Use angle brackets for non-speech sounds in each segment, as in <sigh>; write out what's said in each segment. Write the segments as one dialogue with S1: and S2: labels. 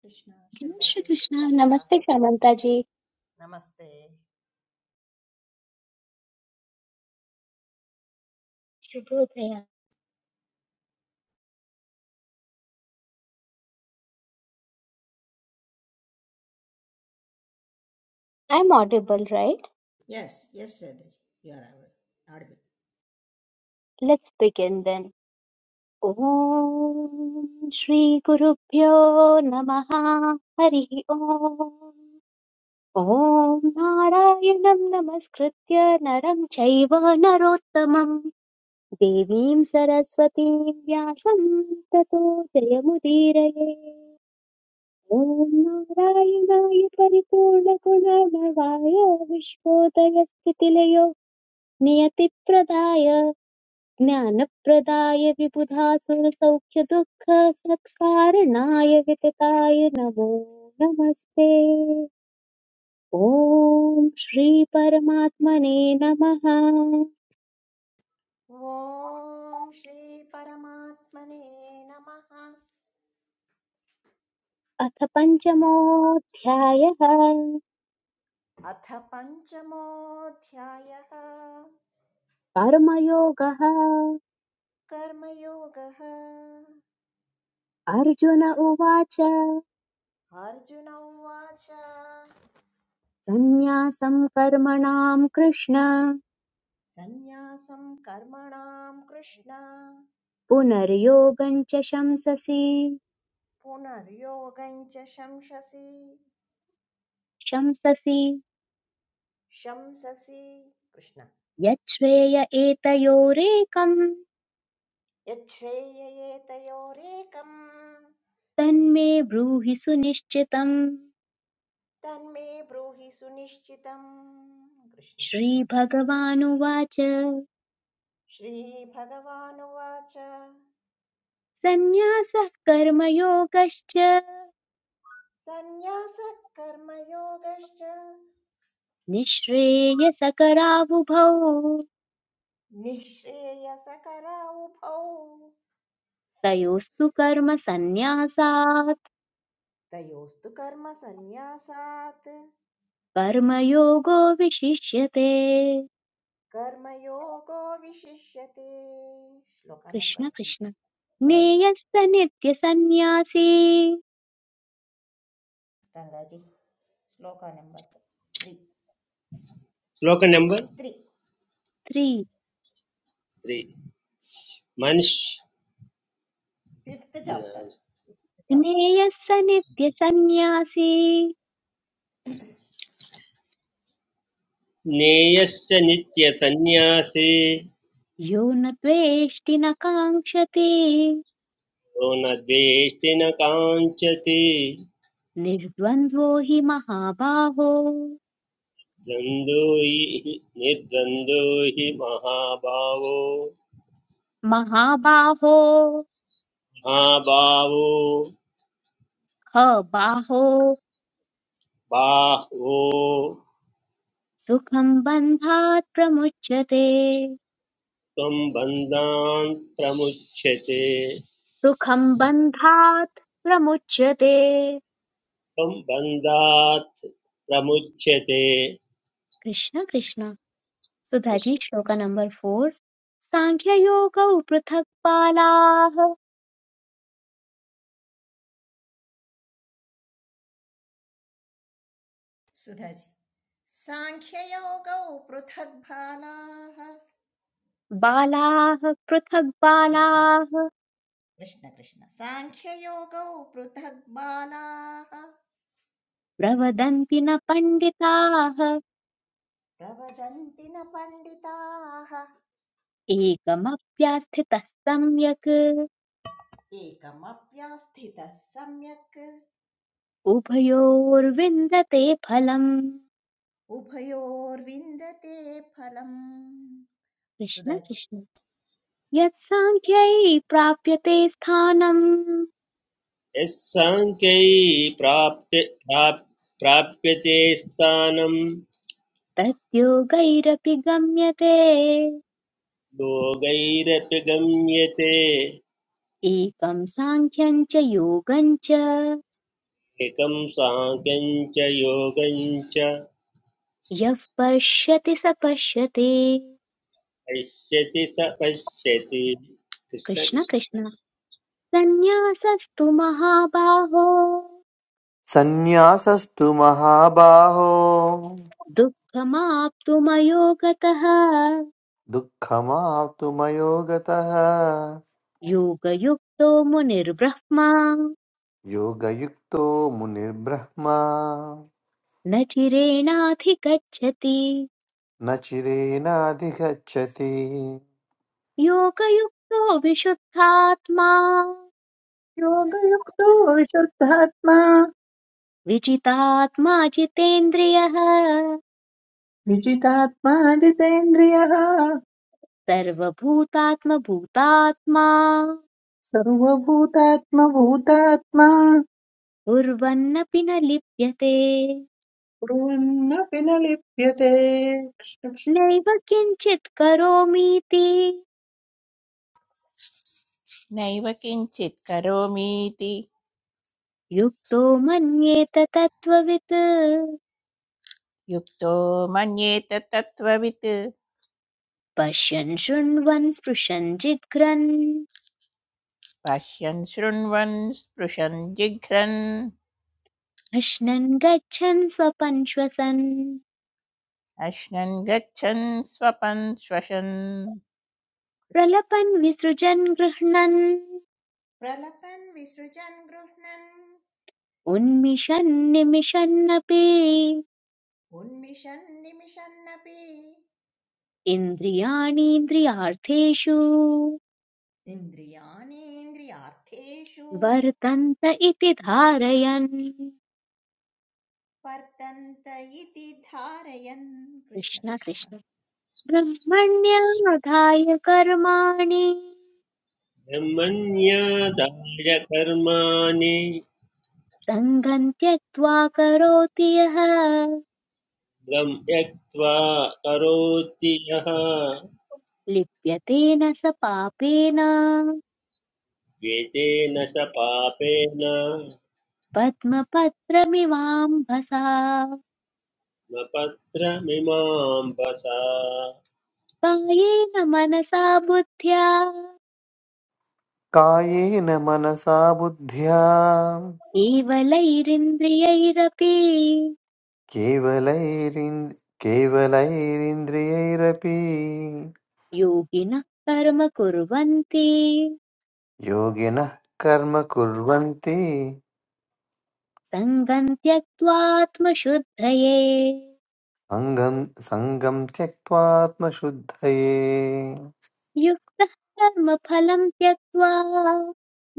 S1: Krishna,
S2: Jai
S1: Shraddha
S2: Shri
S1: ji,
S2: Krishna.
S1: Shubhodaya.
S2: Namaste, Samanta ji.
S1: Namaste.
S2: Shubhodaya. I'm audible, right?
S1: Yes, yes, Radha ji, you are audible. audible.
S2: Let's begin then. Om Shri Guru Pyo Namaha Hari ॐ नारायणं नमस्कृत्य नरं चैव नरोत्तमं देवीं सरस्वतीं व्यासं ततो जयमुदीरये ॐ नारायणाय परिपूर्णगुणर्णवाय विश्वोदयस्थितिलयो नियतिप्रदाय ज्ञानप्रदाय विबुधासुरसौख्यदुःखसत्कारणाय वितताय नमो नमस्ते ॐ श्रीपरमात्मने नमः
S1: ॐ श्रीपरमात्मने नमः
S2: अथ पञ्चमोऽध्यायः
S1: अथ पञ्चमोऽध्यायः
S2: कर्मयोगः
S1: कर्मयोगः
S2: अर्जुन उवाच
S1: अर्जुन उवाच
S2: सन्न्यासं कर्मणां कृष्ण
S1: सन्न्यासं कर्मणां कृष्ण
S2: पुनर्योगं च शंससि
S1: पुनर्योगं च शंससि
S2: शंससि
S1: शंससि कृष्ण
S2: यच्छ्रेय एतयोरेकम्
S1: यच्छ्रेययेतयोरेकम्
S2: तन्मे ब्रूहि सुनिश्चितम्
S1: तन्मे ब्रूहि सुनिश्चितम् कृष्ण कृष्ण
S2: श्रीभगवानुवाच
S1: श्रीभगवानुवाच
S2: सन्न्यासः कर्मयोगश्च
S1: सन्न्यासः कर्मयोगश्च
S2: निःश्रेयसकरावुभौ
S1: निःश्रेयसकरा उभौ
S2: तयोस्तु कर्म सन्न्यासात्
S1: तयोस्तु कर्मसन्न्यासात्
S2: कर्मयोगो विशिष्यते
S1: कर्मयोगो विशिष्यते श्लोका number
S2: Krishna
S1: three
S2: Krishna
S1: third
S2: ज्ञेयस्स नित्यसन्न्यासी
S1: रंगाजी श्लोका नंबर थ्री
S3: श्लोक नंबर
S1: थ्री
S2: त्रि
S3: त्री मनुष्य
S1: फिफ्थ चैप्टर <coughs> फिफ्थ
S2: ज्ञेयस्स नित्यसन्न्यासी
S1: चैप्टर
S3: नेयस्य नित्यसन्न्यासी
S2: यो न द्वेष्टि न काङ्क्षति
S3: यो न द्वेष्टि न काञ्चति
S2: निर्द्वन्द्वो हि महाबाहो
S3: द्वन्द्वो हि निर्द्वन्द्वो हि महाभावो
S2: महाबाहो
S3: महाभावो
S2: ह बाहो
S3: बाहो
S2: सुखम् बन्धात् प्रमुच्यते
S3: त्वं बन्धान् प्रमुच्यते
S2: सुखम् बन्धात् प्रमुच्यते
S3: त्वं बन्धात् प्रमुच्यते
S2: कृष्ण कृष्ण सुधाजी श्लोक नंबर फोर साङ्ख्ययोगौ पृथक् बालाः
S1: साङ्ख्ययोगौ पृथग्बालाः
S2: बालाः पृथक्
S1: कृष्ण
S2: बालाः
S1: कृष्ण कृष्ण साङ्ख्ययोगौ पृथग्बालाः
S2: प्रवदन्ति न पण्डिताः
S1: प्रवदन्ति न पण्डिताः
S2: एकमप्यास्थितः सम्यक्
S1: एकमप्यास्थितः सम्यक्
S2: उभयोर्विन्दते फलम्
S1: उभयोर्विन्दते फलम्
S2: कृष्ण
S1: सुदाचि
S2: कृष्ण यत्साङ्ख्यै प्राप्यते स्थानम्
S3: यस्साङ्ख्यै प्राप्ते प्राप्- प्राप्यते स्थानं
S2: तद्योगैरपि गम्यते
S3: योगैरपि गम्यते
S2: एकं साङ्ख्यं च योगं च
S3: एकं साङ्ख्यं च योगं च
S2: यः पश्यति स पश्यति
S3: पश्यति स पश्यति कृष्ण
S2: कृष्ण
S3: कृष्ण
S2: कृष्ण सन्न्यासस्तु महाबाहो
S4: सन्न्यासस्तु महाबाहो
S2: दुःखमाप्तुमयो गतः
S4: दुःखमाप्तु मयोगतः
S2: योगयुक्तो मुनिर्ब्रह्मा
S4: योगयुक्तो मुनिर्ब्रह्मा
S2: न चिरेणाधिगच्छति
S4: न चिरेणाधिगच्छति
S2: योगयुक्तो विशुद्धात्मा
S5: योगयुक्तो विशुद्धात्मा
S2: विजितात्मा जितेन्द्रियः
S5: विजितात्मा जितेन्द्रियः
S2: सर्वभूतात्मभूतात्मा
S5: सर्वभूतात्मभूतात्मा
S2: कुर्वन्नपि न लिप्यते
S5: कुर्वन्नपि न लिप्यते
S2: नैव किञ्चित् करोमीति
S6: नैव किञ्चित् करोमीति
S2: युक्तो मन्येत तत्त्ववित्
S6: युक्तो मन्येत तत्त्ववित्
S2: पश्यन् शृण्वन् स्पृशन् जिघ्रन्
S6: पश्यन् शृण्वन् स्पृशन् जिघ्रन्
S2: अश्नन् गच्छन् स्वपन् श्वसन्
S6: अश्नन् गच्छन् स्वपन् श्वसन्
S2: प्रलपन् विसृजन् गृह्णन्
S1: प्रलपन् विसृजन् गृह्णन्
S2: उन्मिषन् निमिषन्नपि
S1: उन्मिषन् निमिषन्नपि
S2: इन्द्रियाणीन्द्रियार्थेषु
S1: इन्द्रियाणीन्द्रियार्थेषु
S2: वर्तन्त इति धारयन् कृष्ण
S1: वर्तन्त इति धारयन् कृष्ण कृष्ण
S2: कृष्ण ब्रह्मण्याधाय कर्माणि
S3: ब्रह्मण्यादाय कर्माणि
S2: सङ्गम् त्यक्त्वा करोति यः
S3: गं त्यक्त्वा करोति यः
S2: लिप्यतेन स पापेन
S3: वेदेन स पापेन न
S2: पद्मपत्रमिवाम्भसा
S3: पत्रमिमां वसा
S2: कायेन मनसा बुद्ध्या
S4: कायेन मनसा बुद्ध्या
S2: केवलैरिन्द्रियैरपि
S4: केवलैरिन् केवलैरिन्द्रियैरपि
S2: योगिनः कर्म कुर्वन्ति
S4: योगिनः कर्म कुर्वन्ति
S2: सङ्गम् त्यक्त्वा आत्मशुद्धये
S4: सङ्गं सङ्गं त्यक्त्वात्मशुद्धये
S2: युक्तः कर्म फलम् त्यक्त्वा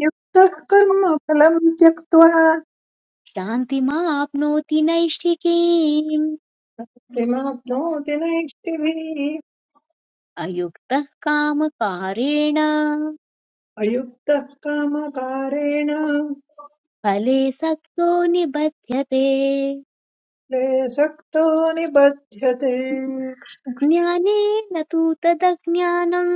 S5: युक्तः कर्म फलम् त्यक्त्वा
S2: शान्तिमाप्नोति नैष्ठिकीम्
S5: किमाप्नोति नैष्टिभिः
S2: अयुक्तः कामकारेण
S5: अयुक्तः कामकारेण
S2: फले सक्तो निबध्यते
S5: क्लेशक्तो निबध्यते
S2: ज्ञानेन तु तदज्ञानम्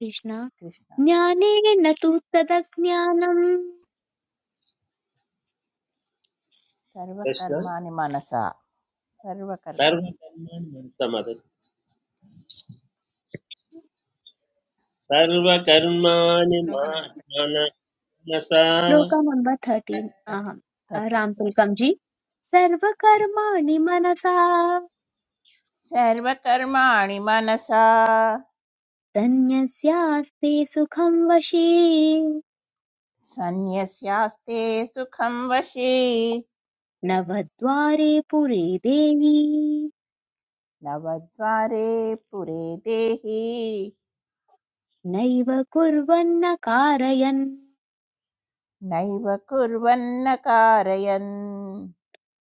S2: कृष्ण
S6: कृष्ण
S2: ज्ञानेन तु तदज्ञानम् श्लोक
S3: कृष्ण
S6: सर्वकर्माणि मनसा सर्वकर्माणि
S3: सर्वकर्माणि मनसा सर्वकर्माणि
S1: श्लोक नंबर
S3: मा- मनसा
S2: नम्बर् थर्टीन्
S1: थर्टी
S2: अहं
S6: तटे
S2: रामपुल्कं जी सर्वकर्माणि मनसा
S6: सर्वकर्माणि मनसा
S2: सन्न्यस्यास्ते सुखं वशे
S6: सन्न्यस्यास्ते सुखं वशे
S2: नवद्वारे पुरे देवी
S6: नवद्वारे पुरे देहि
S2: नैव कुर्वन्न कारयन्
S6: नैव कुर्वन्न कारयन्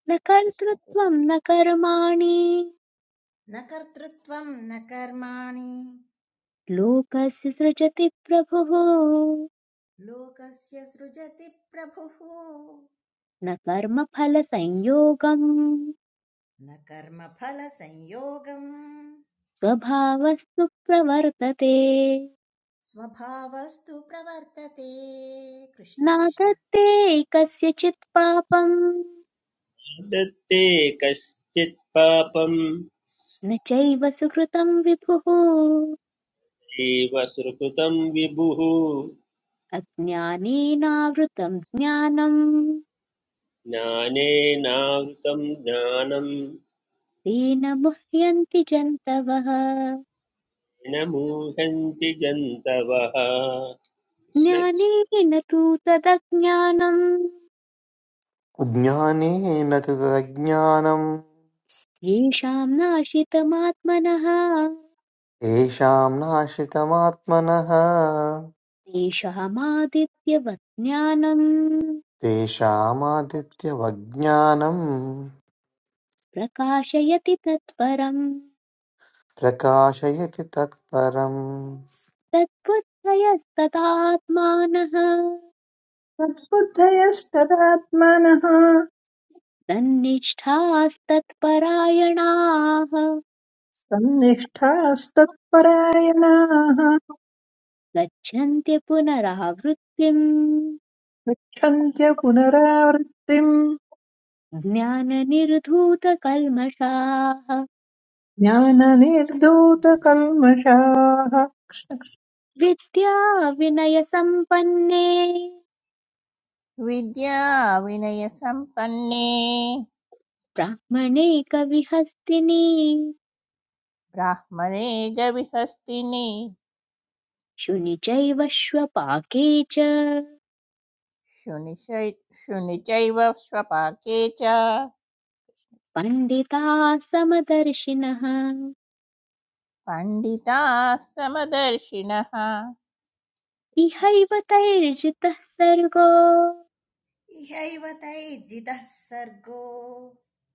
S2: न
S6: कृष्ण कृष्ण।
S2: कर्तृत्वं न कर्माणि
S1: न कर्तृत्वं न कर्माणि
S2: लोकस्य सृजति प्रभुः
S1: लोकस्य सृजति प्रभुः
S2: न कर्मफलसंयोगम्
S1: न कर्मफलसंयोगम्
S2: स्वभावस्तु प्रवर्तते
S1: स्वभावस्तु प्रवर्तते कृष्ण कृष्ण
S2: नागत्ते कस्यचित् पापम्
S3: दत्ते कश्चित् पापं
S2: न चैव सुकृतम् विभुः
S3: एव सुकृतं विभुः
S2: अज्ञानेनावृतम् ज्ञानम्
S3: ज्ञानेनावृतं ज्ञानं
S2: तेन मुह्यन्ति जन्तवः
S3: न मूहन्ति जन्तवः कृष्ण कृष्ण।
S2: ज्ञानेन तु तदज्ञानम्
S4: ज्ञानेन तु तदज्ञानम्
S2: येषाम् नाशितमात्मनः
S4: तेषां नाश्रितमात्मनः
S2: तेषामादित्यवत् ज्ञानम्
S4: तेषामादित्यवज्ञानम्
S2: प्रकाशयति तत्परम्
S4: प्रकाशयति तत्परम्
S2: तद्बुद्धयस्तदात्मानः
S5: तद्बुद्धयस्तदात्मानः
S2: तन्निष्ठास्तत्परायणाः
S5: सन्निष्ठास्तत्परायणाः
S2: गच्छन्ति पुनरावृत्तिम्
S5: गच्छन्त्य पुनरावृत्तिम्
S2: ज्ञाननिर्धूतकल्मषाः
S5: ज्ञाननिर्धूतकल्मषाः कृष्णकृष्ण
S2: विद्याविनयसम्पन्ने
S6: विद्या विनयसम्पन्ने
S2: ब्राह्मणे कविहस्तिनि
S6: ब्राह्मणे गविहस्तिनि
S2: शुनि चैव श्वपाके च
S6: शुनिशै- शुनि चैव स्वपाके च
S2: पण्डिताः समदर्शिनः
S6: पण्डिताः समदर्शिनः
S2: इहैव तैर्जितः सर्गो
S1: इहैव तैर्जितः सर्गो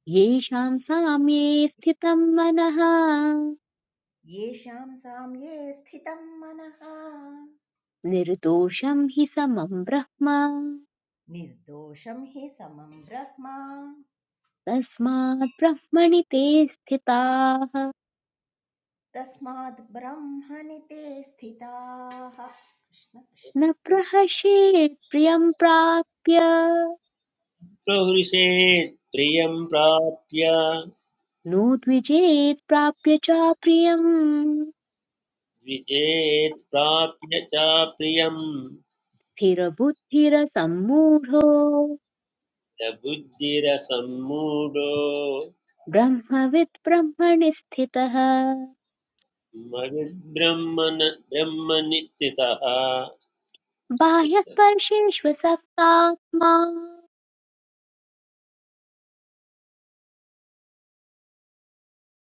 S2: येषाम् साम्ये स्थितं मनः
S1: येषां साम्ये स्थितं मनः
S2: निर्दोषं हि समं ब्रह्म
S1: निर्दोषं हि समं
S2: तस्मात् ब्रह्मणि ते स्थिताः
S1: तस्मात् ब्रह्मणि ते स्थिताः कृष्ण
S2: न
S1: कृष्ण
S2: प्रहर्षेत् प्रियं प्राप्य
S3: प्रहृषेत् प्रियं प्राप्य
S2: नो द्विजेत् प्राप्य च प्रियम्
S3: द्विजेत् प्राप्य च प्रियं
S2: स्थिरबुद्धिरसम्मूढो
S3: स बुद्धिरसम्मूढो
S2: ब्रह्मविद् ब्रह्मणि स्थितः
S3: मयद्ब्रह्मन् ब्रह्मनि स्थितः
S2: बाह्यस्पर्शेष्व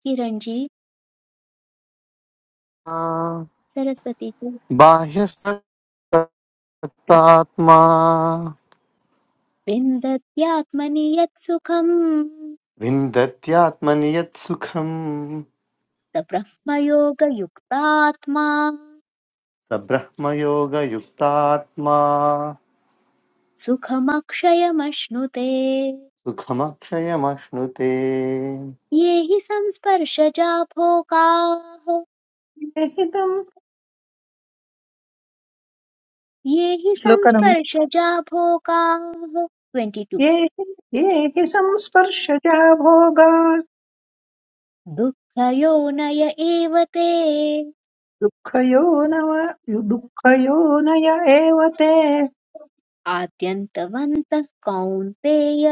S2: किरञ्जी
S4: आ,
S2: सरस्वती च
S4: बाह्यस्वतात्मा
S2: विन्दत्यात्मनि यत्सुखम्
S4: विन्दत्यात्मनि यत् सुखम्
S2: स ब्रह्मयोगयुक्तात्मा
S4: स ब्रह्मयोगयुक्तात्मा
S2: सुखमक्षयमश्नुते
S4: सुखमक्षयमश्नुते
S2: ये हि संस्पर्शजा भोगाः
S5: ये हि तम्
S2: ये हि
S5: श्लोकनम्
S2: संस्पर्शजा भोगाः ट्वेण्टि टु
S5: ये हि ये हि संस्पर्शजा भोगात्
S2: दुःखयोनय एव ते
S5: दुःखयो नव दुःखयोनय एव ते
S2: आद्यन्तवन्तः कौन्तेय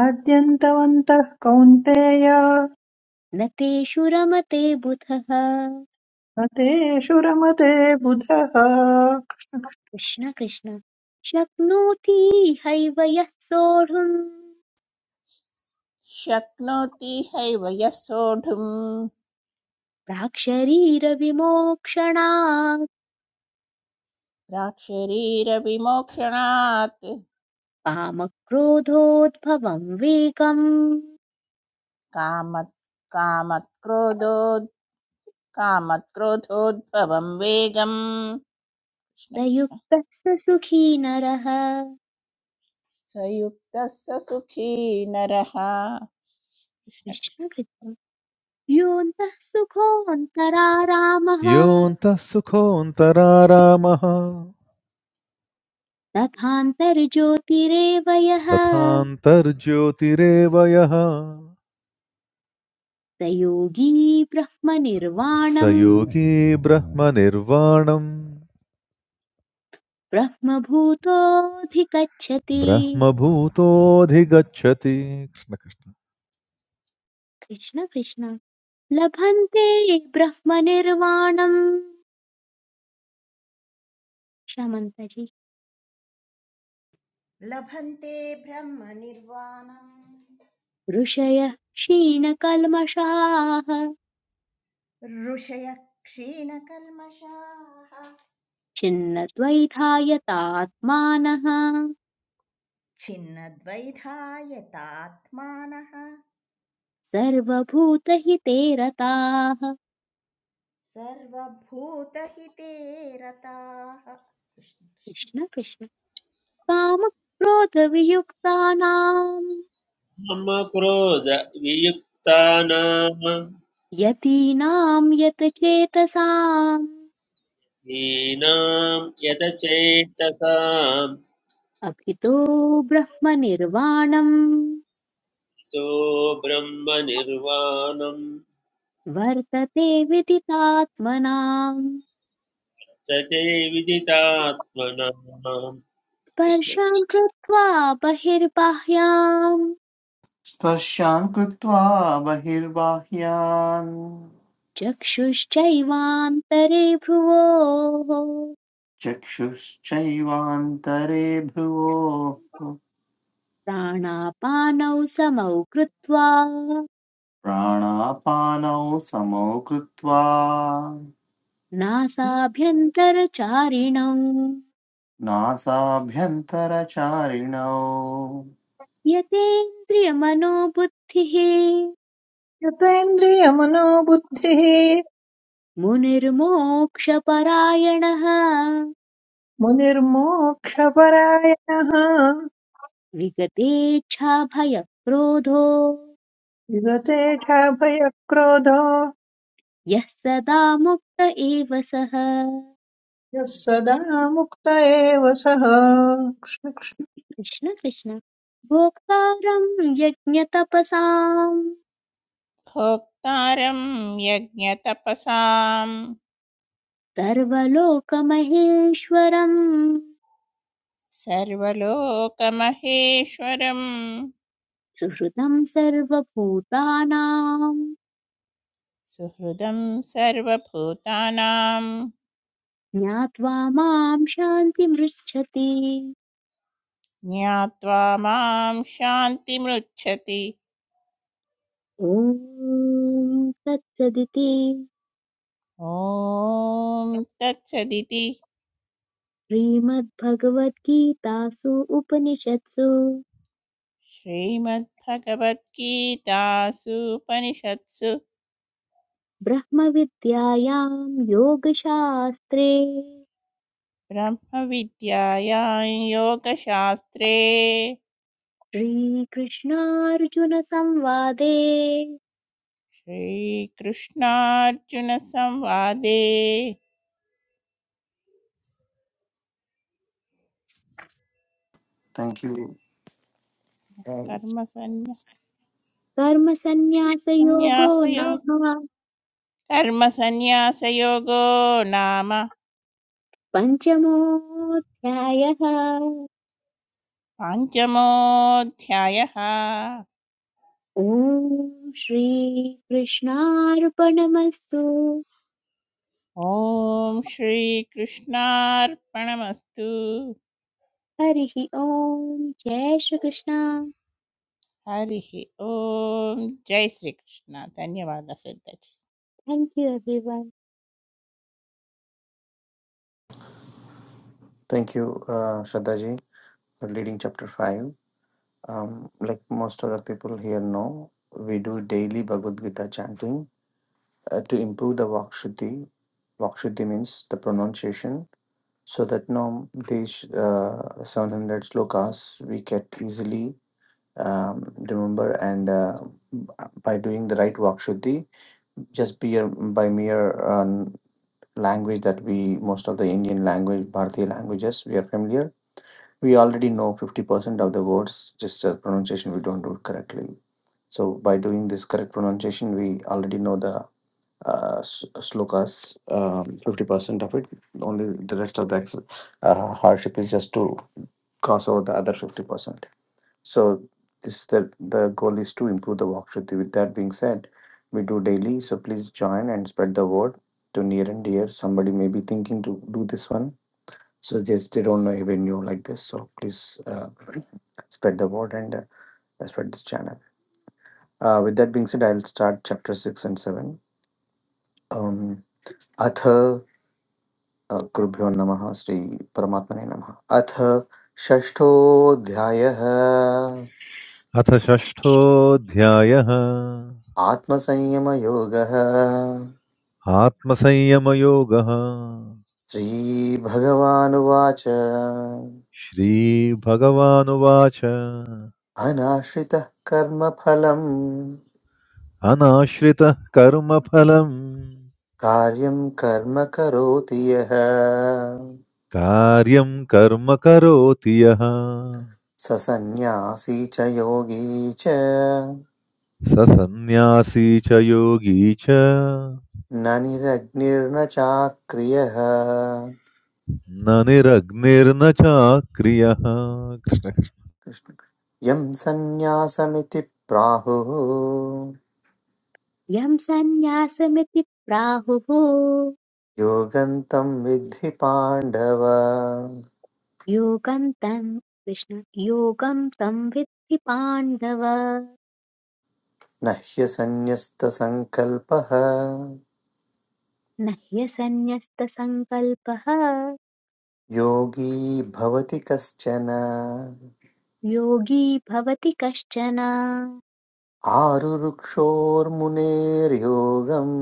S5: आद्यन्तवन्तः कौन्तेय
S2: न तेषु रमते बुधः
S5: न तेषु रमते बुधः
S2: कृष्ण कृष्ण शक्नोति हैव यः सोढुम्
S6: शक्नोति हैव यः सोढुम्
S2: प्राक्शरीरविमोक्षणात्
S6: प्राक्शरीरविमोक्षणात्
S2: कामक्रोधोद्भवम् वेगम्
S6: कामत् कामत् क्रोधो कामक्रोधोद्भवं वेगम्
S2: स
S6: कृष्णकृष्ण
S2: युक्तः स सुखी नरः
S6: स युक्तः स सुखी नरः कृष्णकृष्ण
S2: कृष्ण कृष्ण योऽन्तः सुखोऽन्तरारामः
S7: योऽन्तः सुखोऽन्तरारामः
S2: तथान्तर्ज्योतिरेव यः
S7: तथान्तर्ज्योतिरेव यः
S2: स योगी
S7: स
S2: ब्रह्मनिर्वाणम्
S7: योगी ब्रह्मनिर्वाणम्
S2: ब्रह्मभूतोऽधिगच्छति
S7: ब्रह्मभूतोऽधिगच्छति कृष्णकृष्ण
S2: कृष्ण कृष्ण लभन्ते ब्रह्मनिर्वाणम् शमन्तजि
S1: लभन्ते ब्रह्मनिर्वाणम्
S2: ऋषयः क्षीणकल्मषाः
S1: ऋषयः क्षीणकल्मषाः
S2: छिन्नद्वैधायतात्मानः
S1: छिन्नद्वैधायतात्मानः
S2: सर्वभूतहिते रताः
S1: सर्वभूतहिते रताः कृष्ण कृष्ण
S2: कृष्ण कृष्ण कामक्रोधवियुक्तानाम्
S3: मम क्रोध वियुक्तानां
S2: यतीनाम् यतचेतसाम्
S3: हीनां यतचेतसां
S2: अभितो ब्रह्मनिर्वाणम्
S3: तो ब्रह्मनिर्वाणं
S2: वर्तते विदितात्मनाम्
S3: तते विदितात्मनां कृष्ण
S2: स्पर्शां
S3: कृष्ण
S2: कृत्वा बहिर्बाह्यां
S4: स्पर्शान् कृत्वा बहिर्बाह्यान्
S2: चक्षुश्चैवान्तरे भ्रुवोः
S4: चक्षुश्चैवान्तरे भ्रुवोः
S2: प्राणापानौ समौ कृत्वा
S4: प्राणापानौ समौ कृत्वा
S2: नासाभ्यन्तरचारिणौ
S4: नासाभ्यन्तरचारिणौ
S2: यतेन्द्रियमनोबुद्धिः
S5: यतेन्द्रियमनोबुद्धिः
S2: मुनिर्मोक्षपरायणः
S5: मुनिर्मोक्षपरायणः
S2: विगतेच्छाभयक्रोधो
S5: युवतेऽठाभयक्रोधो
S2: यः सदा मुक्त एव सः
S5: यः सदा मुक्त एव सः
S2: कृष्ण कृष्ण भोक्तारम् यज्ञतपसाम्
S6: भोक्तारं यज्ञतपसां
S2: सर्वलोकमहेश्वरम्
S6: सर्वलोकमहेश्वरं
S2: सुहृदम् सर्वभूतानाम्
S6: सुहृदं सर्वभूतानां
S2: ज्ञात्वा माम् शान्तिमृच्छति
S6: ज्ञात्वा मां शान्तिमृच्छति
S2: ॐ तत्सदिति
S6: ॐ तत्सदिति
S2: श्रीमद्भगवद्गीतासु उपनिषत्सु
S6: श्रीमद्भगवद्गीतासूपनिषत्सु
S2: ब्रह्मविद्यायां योगशास्त्रे
S6: ब्रह्मविद्यायां योगशास्त्रे
S2: श्रीकृष्णार्जुनसंवादे
S6: श्रीकृष्णार्जुनसंवादे
S4: Thank you. यू
S6: कर्मसन्न्या-
S2: कर्मसन्न्यासयोगो
S6: संन्यासयोग
S2: नाम
S6: कर्मसन्न्यासयोगो नाम
S2: पञ्चमोऽध्यायः
S6: पञ्चमोऽध्यायः
S2: ॐ श्रीकृष्णार्पणमस्तु
S6: ॐ श्रीकृष्णार्पणमस्तु
S2: हरिः ॐ जय श्रीकृष्ण
S6: हरिः ॐ जय श्रीकृष्ण धन्यवादः Shraddha ji.
S2: Thank you everyone
S4: thank you Shraddha ji for leading chapter five um, like most of the people here know, we do daily Bhagavad Gita chanting uh, to improve the Vakshuti. Vakshuti means the pronunciation so that now these uh, 700 cars we can easily um, remember and uh, by doing the right vakshuti just be a, by mere um, language that we most of the indian language bharati languages we are familiar we already know 50% of the words just the pronunciation we don't do it correctly so by doing this correct pronunciation, we already know the uh, s- slokas, um, 50% of it. Only the rest of the ex- uh, hardship is just to cross over the other 50%. So this the, the goal is to improve the walk Shruti. With that being said, we do daily. So please join and spread the word to near and dear. Somebody may be thinking to do this one. So just they don't know even you like this. So please uh, <clears throat> spread the word and uh, spread this channel. Uh, with that being said, I'll start chapter 6 and 7. Um, अथ uh, कृभ्यो नमः श्री परमात्मने नमः अथ षष्ठोऽध्यायः
S7: अथ षष्ठोऽध्यायः
S4: आत्मसंयमयोगः
S7: आत्मसंयमयोगः
S4: श्रीभगवानुवाच
S7: श्रीभगवानुवाच
S4: अनाश्रितः कर्मफलम्
S7: अनाश्रितः कर्मफलम्
S4: कार्यं कर्म करोति यः
S7: कार्यं कर्म करोति यः
S4: स सन्न्यासी च योगी च
S7: स सन्न्यासी च योगी च
S4: ननिरग्निर्न निरग्निर्न चाक्रियः
S7: न निरग्निर्न चाक्रियः कृष्ण कृष्ण।
S4: कृष्ण- कृष्ण। यं सन्न्यासमिति प्राहुः
S2: यं सन्न्यासमिति प्राहुः
S4: योगन्तं विद्धि पाण्डव
S2: योगं तं कृष्ण योगं तं विद्धि पाण्डव
S4: न ह्यसन्न्यस्तसङ्कल्पः
S2: न ह्यसन्न्यस्तसङ्कल्पः
S4: योगी भवति कश्चन
S2: योगी भवति कश्चन
S4: आरुरुक्षोर्मुनेर्योगम्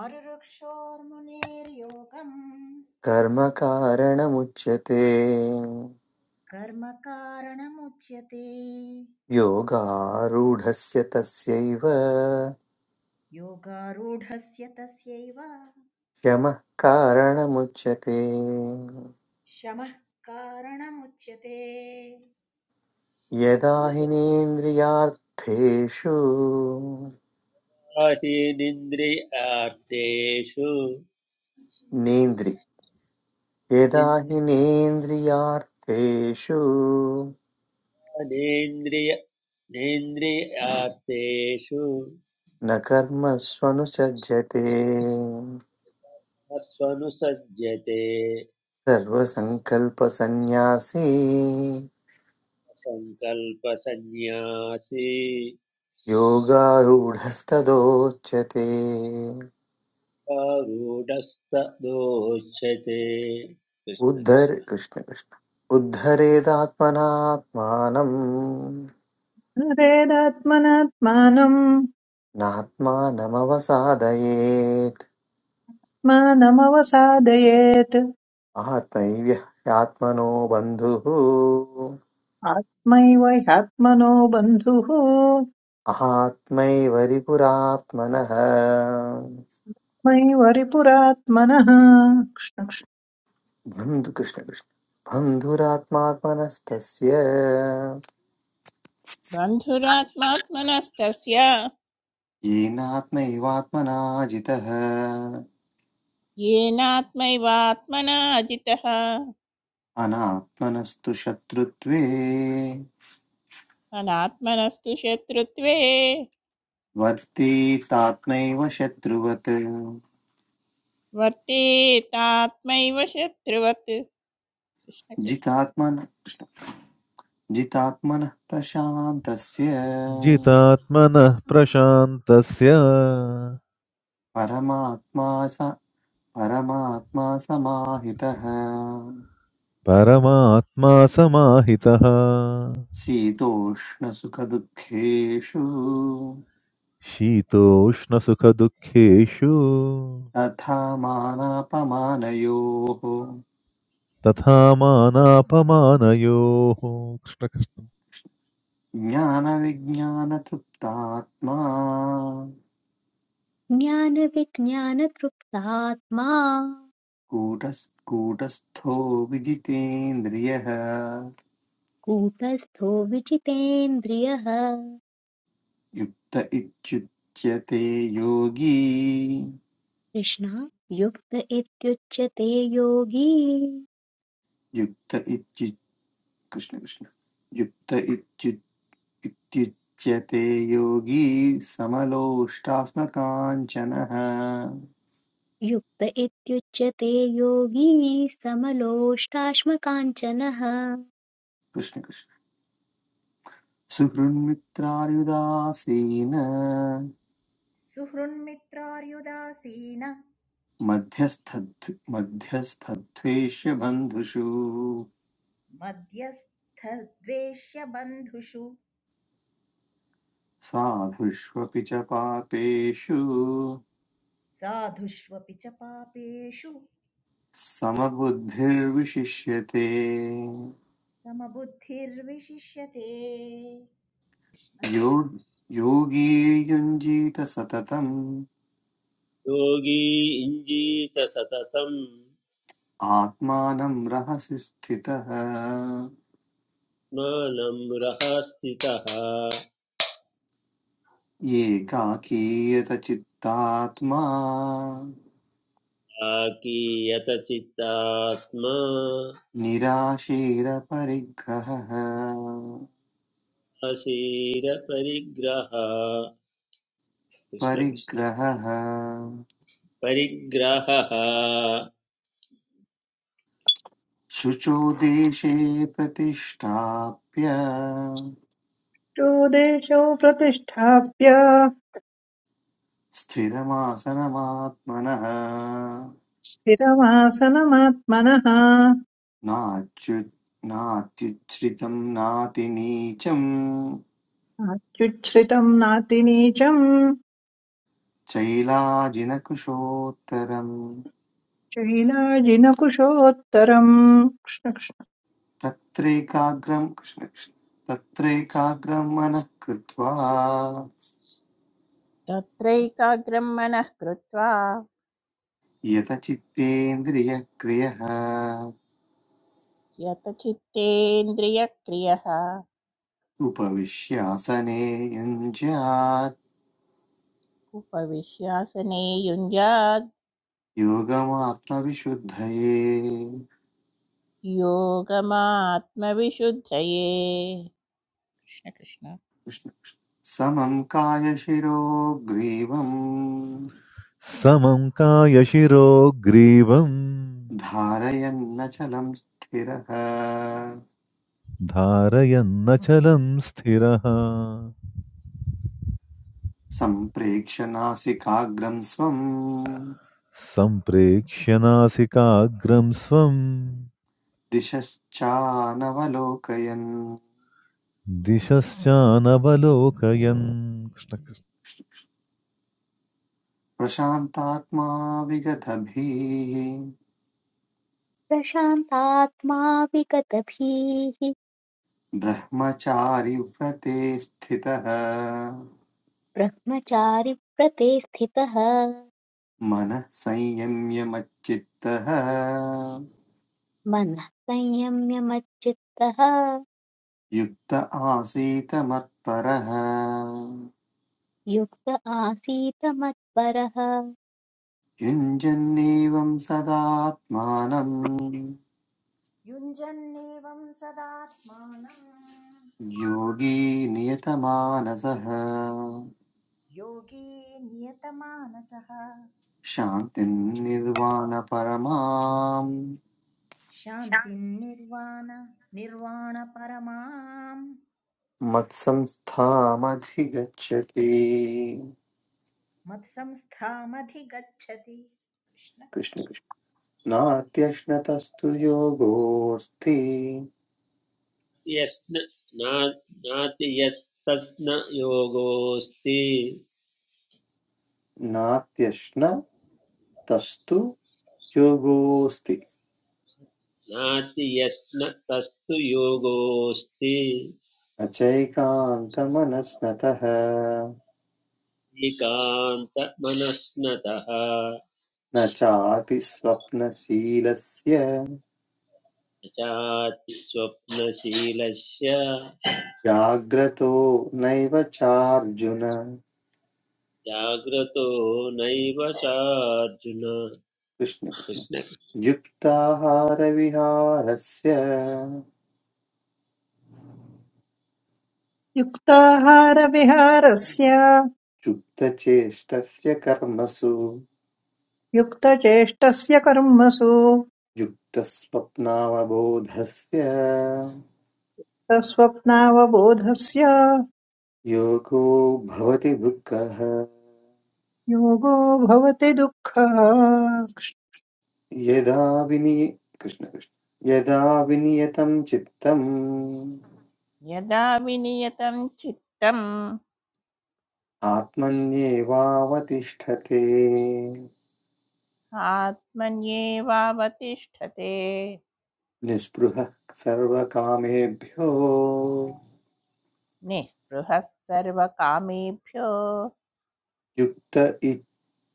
S1: आरुरुक्षोर्मुनेर्योगम्
S4: कर्मकारणमुच्यते
S1: कर्म कारणमुच्यते
S4: योगारूढस्य तस्यैव
S1: योगारूढस्य तस्यैव
S4: यमः कारणमुच्यते
S1: शमः कारणमुच्यते
S4: यदा हि
S3: यदा
S4: नेन्द्रियार्थेषु
S3: हीनिन्द्रियार्थेषु
S4: नेन्द्रि यदा हि नेन्द्रियार्थेषु
S3: निन्दानेन्द्रिय नेन्द्रियार्थेषु
S4: न कर्मस्वनुसज्जते
S3: मत्स्वनुसज्जते
S4: सर्वसङ्कल्पसन्न्यासी
S3: सङ्कल्पसन्न्यासी
S4: योगारूढस्तदोच्यते
S3: आरूढस्त दोच्यते कृष्ण
S4: उद्धर
S3: कृष्ण
S4: कृष्ण कृष्ण उद्धरेदात्मनात्मानम्
S5: रेदात्मनात्मानम्
S4: नात्मानमवसादयेत्
S5: मानमवसादयेत्
S4: आत्मैव ह्यात्मनो बन्धुः
S5: आत्मैव ह्यात्मनो बन्धुः
S4: अहात्मैव रिपुरात्मनः
S5: मैव रिपुरात्मनः कृष्णकृष्णो
S4: बन्धु कृष्ण कृष्ण बन्धुरात्मात्मनस्तस्य
S6: बन्धुरात्मात्मनस्तस्य
S4: येनात्मैवात्मना जितः
S6: येनात्मैवात्मना जितः
S4: अनात्मनस्तु शत्रुत्वे
S6: अनात्मनस्तु शत्रुत्वे
S4: वर्तीतात्मैव शत्रुवत्
S6: वर्तेतात्मैव शत्रुवत् कृष्ण कृष्ण
S4: जितात्मन जितात्मनः प्रशान्तस्य
S7: जितात्मनः प्रशान्तस्य
S4: परमात्मा स परमात्मा समाहितः
S7: परमात्मा समाहितः
S4: शीतोष्णसुखदुःखेषु
S7: शीतोष्णसुखदुःखेषु
S4: तथा मानापमानयोः
S7: तथा मानापमानयोः कृष्णकृष्ण
S4: ज्ञानविज्ञानतृप्तात्मा
S2: ज्ञानविज्ञानतृप्तात्मा
S4: कूटस् कूटस्थो विजितेन्द्रियः
S2: कूटस्थो विजितेन्द्रियः
S4: युक्त इत्युच्यते योगी
S2: कृष्ण युक्त इत्युच्यते योगी
S4: युक्त इत्युच् कृष्ण कृष्ण युक्त इत्युच्यते योगी समलोष्टास्मकाञ्चनः
S2: युक्त इत्युच्यते योगी समलोष्टाश्मकाञ्चनः
S4: कृष्णकृष्ण सुहृन्मित्रार्युदासीन
S1: सुहृन्मित्रार्युदासीनः
S4: मध्यस्थ मध्यस्थद्वेष्य बन्धुषु
S1: मध्यस्थद्वेष्यबन्धुषु
S4: साधुष्वपि च पापेषु
S1: साधुष्वपि च पापेषु
S4: समबुद्धिर्विशिष्यते
S1: समबुद्धिर्विशिष्यते
S4: यो योगी युञ्जीत सततम्
S3: योगी इञ्जीत सततं
S4: आत्मानं रहसि स्थितः
S3: मानं रहस्थितः
S4: येकाकीयतचित्तात्मा
S3: आकीयत चित्तात्मा
S4: निराशीरपरिग्रहः
S3: अशीर परिग्रह कृष्ण कृष्ण
S4: परिग्रहः
S3: परिग्रहः
S4: शुचो देशे प्रतिष्ठाप्य
S5: देशौ प्रतिष्ठाप्य
S4: स्थिरमासनमात्मनः
S5: स्थिरमासनमात्मनः
S4: नाच्यु नात्युच्छ्रितं नातिनीचं
S5: नात्युच्छ्रितम् नातिनीचम्
S4: चैलाजिनकुशोत्तरम्
S5: शैलाजिनकुशोत्तरम्
S4: तत्रैकाग्रं कृष्ण कृष्ण तत्रैकाग्रं मनः कृत्वा
S6: तत्रैकाग्रं मनः कृत्वा
S4: यतचित्तेन्द्रियक्रियः
S6: यतचित्तेन्द्रियक्रियः
S4: उपविश्यासने युञ्ज्यात्
S6: उपविश्यासने युञ्जाद्
S4: योगमात्मविशुद्धये
S6: योगमात्मविशुद्धये कृष्ण कृष्ण
S4: कृष्ण। समं कायशिरो ग्रीवम्
S7: समं कायशिरो ग्रीवम्
S4: धारयन्नचलं स्थिरः
S7: धारयन्नचलं स्थिरः
S4: सम्प्रेक्ष्य नासिकाग्रं स्वं
S7: सम्प्रेक्ष्य नासिकाग्रं स्वं
S4: दिशश्चानवलोकयन्
S7: दिशश्चानवलोकयन् कृष्ण कृष्ण।
S4: प्रशान्तात्मा विगतभीः
S2: प्रशान्तात्मा विगतभीः
S4: ब्रह्मचारि व्रते स्थितः
S2: ब्रह्मचारि प्रते स्थितः
S4: मनः संयम्य मच्चित्तः
S2: मनः संयम्य मच्चित्तः
S4: युक्त आसीत मत्परः
S2: युक्त आसीत मत्परः
S4: युञ्जन्नेवं सदात्मानं
S1: युञ्जन्नेवं सदात्मानं
S4: योगी नियतमानसः
S1: योगी नियतमानसः
S4: शान्तिं निर्वाणपरमां
S1: शान्तिं निर्वाण निर्वाणपरमां
S4: मत्संस्थामधिगच्छति
S1: मत्संस्थामधिगच्छति कृष्ण कृष्ण
S4: कृष्ण कृष्ण नात्यश्नतस्तु योगोऽस्ति
S3: यस्न ना- नाति यस्तस्न
S4: नात्यश्नतस्तु योगोऽस्ति
S3: నాస్తి యస్న తస్తు యోగోస్తి
S4: न चैकान्तमनस्नतः
S3: ఏకాంత మనస్నత
S4: न चापि स्वप्नशीलस्य
S3: చాతి స్వప్నశీలస్య
S4: जाग्रतो नैव चार्जुन
S3: జాగ్రతో నైవ చార్జున
S4: कृष्ण कृष्ण
S3: కృష్ణ
S4: युक्ताहारविहारस्य
S5: युक्ताहारविहारस्य
S4: युक्तचेष्टस्य कर्मसु
S5: युक्तचेष्टस्य कर्मसु
S4: युक्तस्वप्नावबोधस्य
S5: स्वप्नावबोधस्य
S4: योगो भवति दुःखः
S5: योगो भवति दुःखः
S4: यदा विनि कृष्ण कृष्ण यदा विनियतं चित्तम्
S6: यदा विनियतं चित्तम्
S4: आत्मन्येवावतिष्ठते
S6: आत्मन्येवावतिष्ठते
S4: निःस्पृहः सर्वकामेभ्यो
S6: निःस्पृहः सर्वकामेभ्यो
S4: युक्त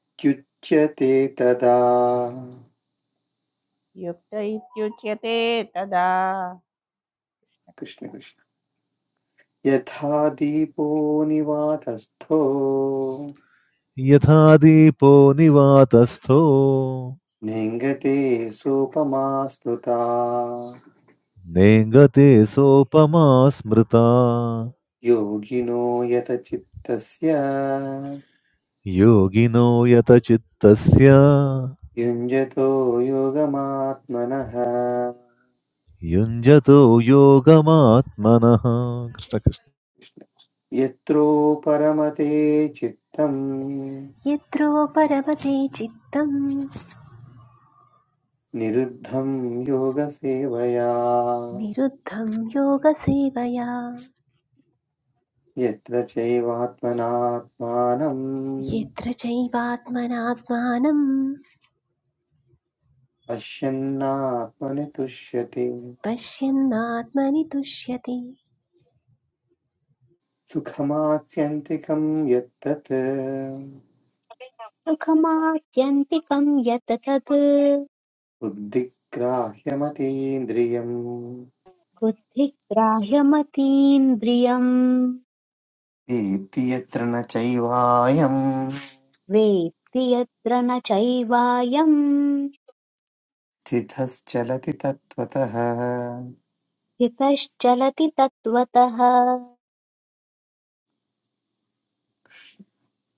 S4: इत्युच्यते तदा
S6: युक्त इत्युच्यते तदा
S4: कृष्ण कृष्ण यथा दीपो निवातस्थो
S7: यथा दीपो निवातस्थो
S4: नेङ्गते सोपमा स्नुता
S7: नेङ्गते सोपमा स्मृता
S4: योगिनो यतचित्तस्य
S7: योगिनो यतचित्तस्य
S4: युञ्जतो योगमात्मनः
S7: युञ्जतो योगमात्मनः कृष्ण कृष्ण।
S4: यत्रो परमते चित्तम्
S8: यत्रो परमते चित्तं
S4: निरुद्धं योगसेवया
S8: निरुद्धं योगसेवया
S4: यत्र चैवात्मनात्मानम्
S8: यत्र चैवात्मनात्मानं
S4: पश्यन्नात्मनि तुष्यति
S8: पश्यन्नात्मनि तुष्यति
S4: सुखमात्यन्तिकं यत्तत्
S2: सुखमात्यन्तिकम् यत् तत्
S4: बुद्धिग्राह्यमतीन्द्रियम्
S2: बुद्धिग्राह्यमतीन्द्रियम्
S4: वेत्ति यत्र न चैवायम्
S2: वेत्ति यत्र न चैवायम्
S4: स्थितश्चलति तत्त्वतः
S2: स्थितश्चलति तत्त्वतः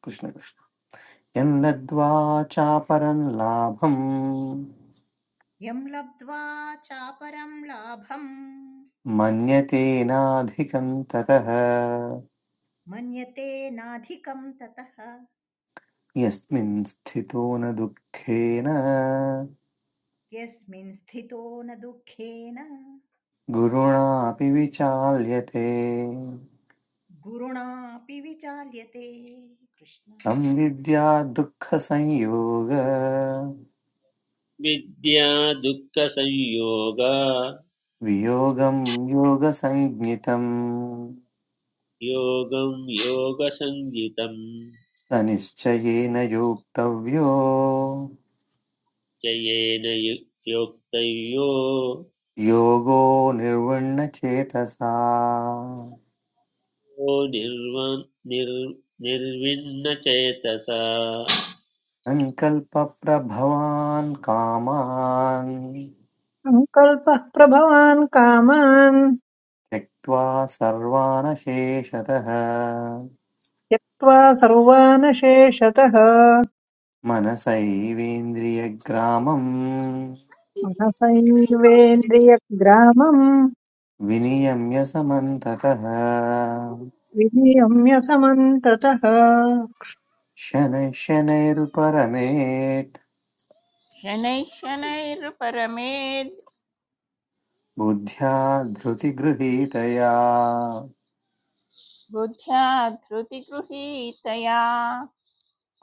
S4: कृष्ण कृष्ण यन्नद्वा चापरं लाभम्
S1: यं लब्ध्वा चापरं लाभं
S4: मन्यते नाधिकं ततः
S1: मन्यते नाधिकं ततः
S4: यस्मिन् स्थितो न दुःखेन
S1: यस्मिन् स्थितो न दुःखेन
S4: गुरुणापि विचाल्यते
S1: गुरुणापि विचाल्यते कृष्ण
S4: तं विद्या दुःखसंयोग
S3: విద్యా దుఃఖ సంయోగ
S4: वियोगं योगसञ्ज्ञितम्
S3: యోగం యోగ సంగీతం
S4: स निश्चयेन योक्तव्यो
S3: జయేన యు- యోక్తయో
S4: योगो निर्वण्णचेतसा
S3: ఓ నిర్వ నిర్ నిర్విన్న చేతస
S4: सङ्कल्पप्रभवान् कामान्
S5: सङ्कल्पः प्रभवान् कामान्
S4: त्यक्त्वा सर्वानशेषतः
S5: त्यक्त्वा सर्वानशेषतः
S4: मनसैवेन्द्रियग्रामम्
S5: मनसैर्वेन्द्रियग्रामम्
S4: विनियम्य समन्ततः
S5: विनियम्य समन्ततः
S4: शनैः शनैरुपरमेत्
S6: शनैः शनैर्परमेद्
S4: बुद्ध्या धृतिगृहीतया
S6: बुद्ध्या धृतिगृहीतया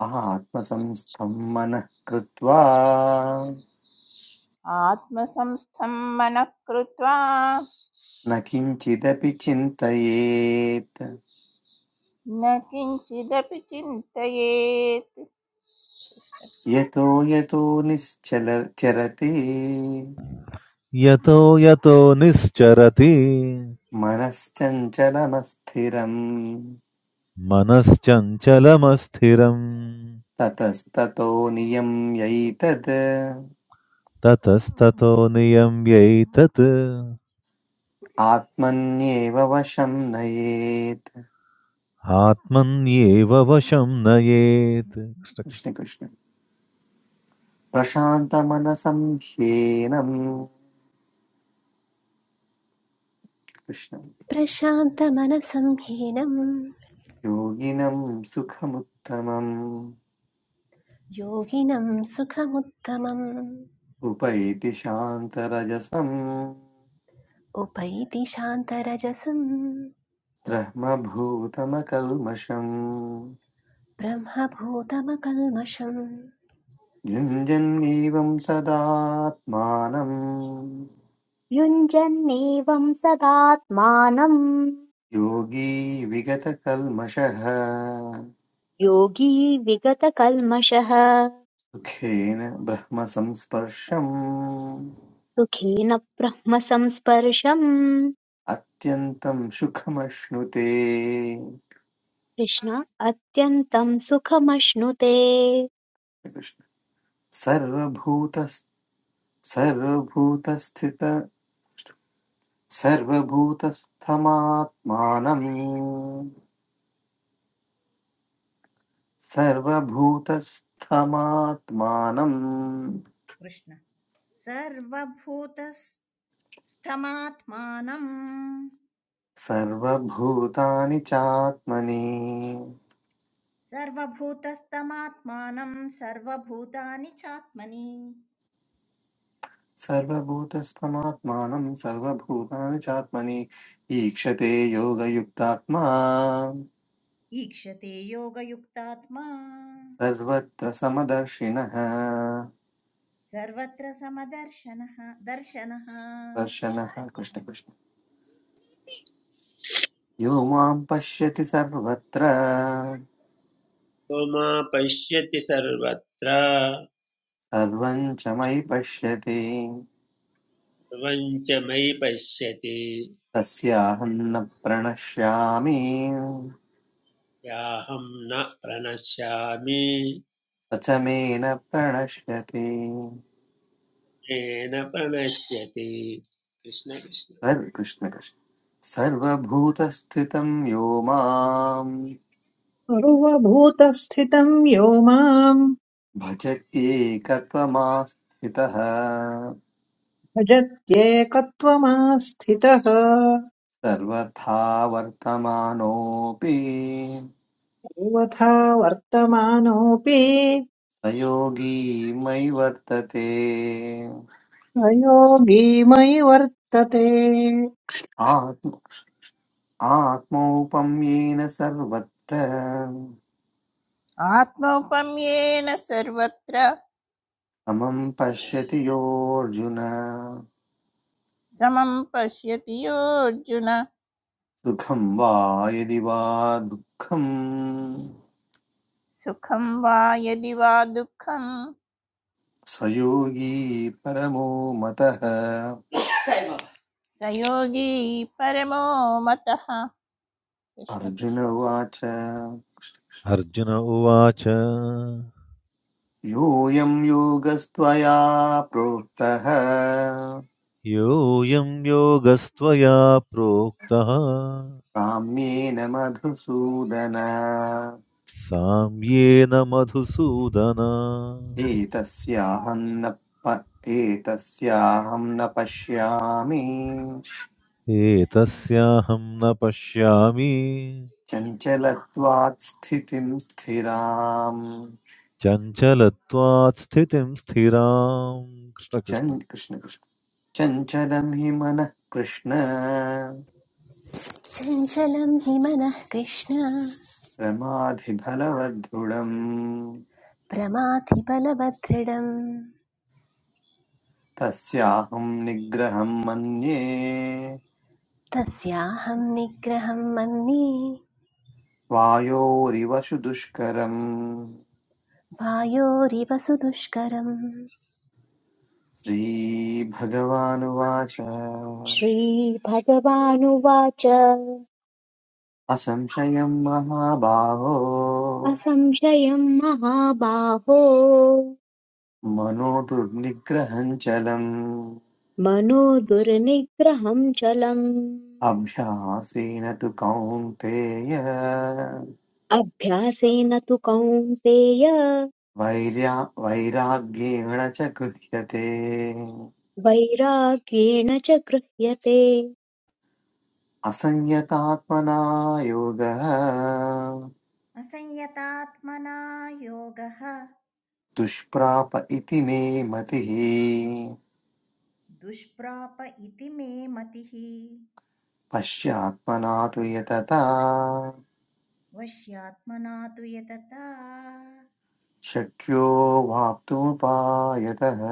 S4: आत्मसंस्थं मनः कृत्वा
S6: आत्मसंस्थं मनः कृत्वा
S4: न किञ्चिदपि चिन्तयेत्
S6: न किञ्चिदपि चिन्तयेत्
S4: यतो यतो निश्चल चरति
S7: यतो यतो निश्चरति
S4: मनश्चञ्चलमस्थिरम्
S7: मनश्चञ्चलमस्थिरम्
S4: ततस्ततो नियम्यैतद्
S7: ततस्ततो नियम्यैतत्
S4: आत्मन्येव वशं नयेत्
S7: आत्मन्येव वशं नयेत् कृष्ण कृष्ण।
S4: कृष्णकृष्ण प्रशान्तमनसं ह्येनं कृष्ण
S8: प्रशान्तमनसं हीनं
S4: योगिनं सुखमुत्तमम्
S8: योगिनं सुखमुत्तमम्
S4: उपैति शान्तरजसम्
S8: उपैति शान्तरजसं
S4: ब्रह्मभूतमकल्मषम्
S8: ब्रह्मभूतमकल्मषं
S4: युञ्जन्नीवं सदात्मानम्
S2: युञ्जन्नेवम् सदात्मानम्
S4: योगी विगतकल्मषः
S2: योगी विगतकल्मषः
S4: सुखेन ब्रह्मसंस्पर्शम्
S2: सुखेन ब्रह्म संस्पर्शम्
S4: अत्यन्तं सुखमश्नुते
S2: कृष्ण अत्यन्तम् सुखमश्नुते
S4: कृष्ण। सर्वभूत सर्वभूतस्थित सर्वभूतस्थमात्मानम् सर्वभूतस्थमात्मानम्
S1: कृष्ण सर्वभूतस्थमात्मानं
S4: सर्वभूतानि चात्मनि
S1: सर्वभूतस्थमात्मानं सर्वभूतानि चात्मनि
S4: सर्वभूतस्थमात्मानं सर्वभूतानि चात्मनि ईक्षते योगयुक्तात्मा
S1: ईक्षते योगयुक्तात्मा
S4: सर्वत्र समदर्शिनः
S1: सर्वत्र समदर्शनः दर्शनः कृष्ण
S4: दर्शनः कृष्ण कृष्ण। यो मां पश्यति सर्वत्र
S3: यो मा पश्यति सर्वत्र
S4: सर्वं च मयि पश्यति
S3: सर्वं मयि पश्यति
S4: तस्याहं न प्रणश्यामि
S3: याहं न प्रणश्यामि
S4: अचमेन प्रणश्यति
S3: येन प्रणश्यति कृष्ण कृष्ण
S4: सर्व कृष्ण कृष्ण सर्वभूतस्थितं यो माम्
S5: सर्वभूतस्थितं यो माम्
S4: भजत्येकत्वमास्थितः
S5: भजत्येकत्वमास्थितः
S4: सर्वथा वर्तमानोऽपि
S5: यथा वर्तमानोऽपि
S4: स योगी मयि वर्तते
S5: स योगी मयि वर्तते
S4: आत्म आत्मौपम्येन सर्वत्र
S6: आत्मौपम्येन सर्वत्र
S4: समं पश्यति योऽर्जुन
S6: समं पश्यति योऽर्जुन
S4: सुखं वा यदि वा दुःखम्
S6: सुखं वा यदि वा दुःखं
S4: स योगी परमो मतः
S6: Same old. स योगी परमो मतः कृष्ण
S4: अर्जुन
S6: कृष्ण
S4: उवाच
S7: अर्जुन उवाच
S4: योऽयं योगस्त्वया प्रोक्तः
S7: योऽयं योगस्त्वया प्रोक्तः
S4: साम्येन मधुसूदन
S7: साम्येन मधुसूदन
S4: एतस्याहं न प- एतस्याहं न पश्यामि
S7: एतस्याहं न पश्यामि
S4: चञ्चलत्वात् स्थितिं स्थिराम्
S7: चञ्चलत्वात् स्थितिं स्थिराम् कृष्णकृष्ण
S4: चन् कृष्ण कृष्ण चञ्चलं हि मनः कृष्ण
S8: चञ्चलं हि मनः कृष्ण
S4: प्रमाधिफलवद्गुणम्
S8: प्रमाथि बलवदृढम्
S4: तस्याहं निग्रहं मन्ये
S8: तस्याहं निग्रहं मन्ये
S4: वायोरिव दुष्करम्
S8: वायोरिव सुदुष्करं
S4: श्रीभगवानुवाच
S2: श्रीभगवानुवाच
S4: असंशयं महाबाहो
S2: असंशयम् महाबाहो
S4: मनो दुर्निग्रहं चलम्
S2: मनो दुर्निग्रहम् चलम्
S4: अभ्यासेन तु कौन्तेय
S2: अभ्यासेन तु कौन्तेय
S4: वैर्या वैराग्येण च गृह्यते
S2: वैराग्येण च गृह्यते
S4: असंयतात्मना योगः
S1: असंयतात्मना योगः
S4: दुष्प्राप इति मे मतिः
S1: दुष्प्राप इति मे मतिः
S4: पश्यात्मना तु यतता
S1: वश्यात्मना तु यतता
S4: शक्यो वाप्तुपायतः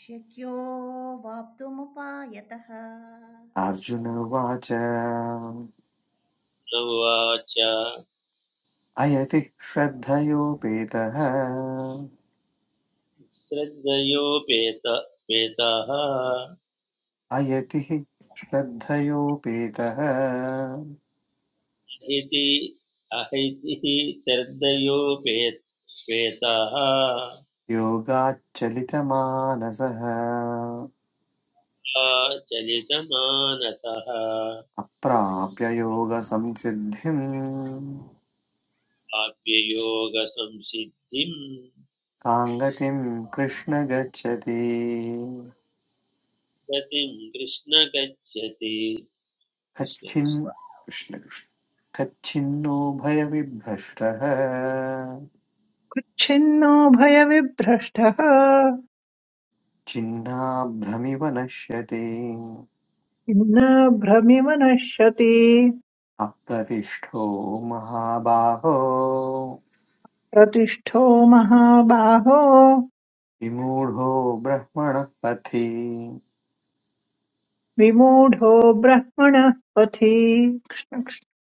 S1: शक्यो वाप्तुमुपायतः
S4: अर्जुन उवाच
S3: न उवाच
S4: अयति श्रद्धयोपेतः
S3: श्रद्धयोपेत पेतः
S4: अयति हि श्रद्धयोपेतः
S3: इति अहैतिः श्रद्धयोपेत श्वेतः
S4: योगाच्चलितमानसः
S3: चलितमानसः
S4: अप्राप्ययोगसंसिद्धिं
S3: प्राप्य योगसंसिद्धिम्
S4: कां गतिं कृष्ण गच्छति
S3: गतिं कृष्ण गच्छति कृष्ण
S4: कच्छिन्
S3: कृष्ण
S4: कृष्णकृष्ण कच्छिन्नो भयविभ्रष्टः
S5: छिन्नो भयविभ्रष्टः
S4: छिन्नाभ्रमिव नश्यति
S5: छिन्नभ्रमिव नश्यति
S4: अप्रतिष्ठो महाबाहो
S5: प्रतिष्ठो महाबाहो
S4: विमूढो ब्रह्मणः पथि
S5: विमूढो ब्रह्मणः पथि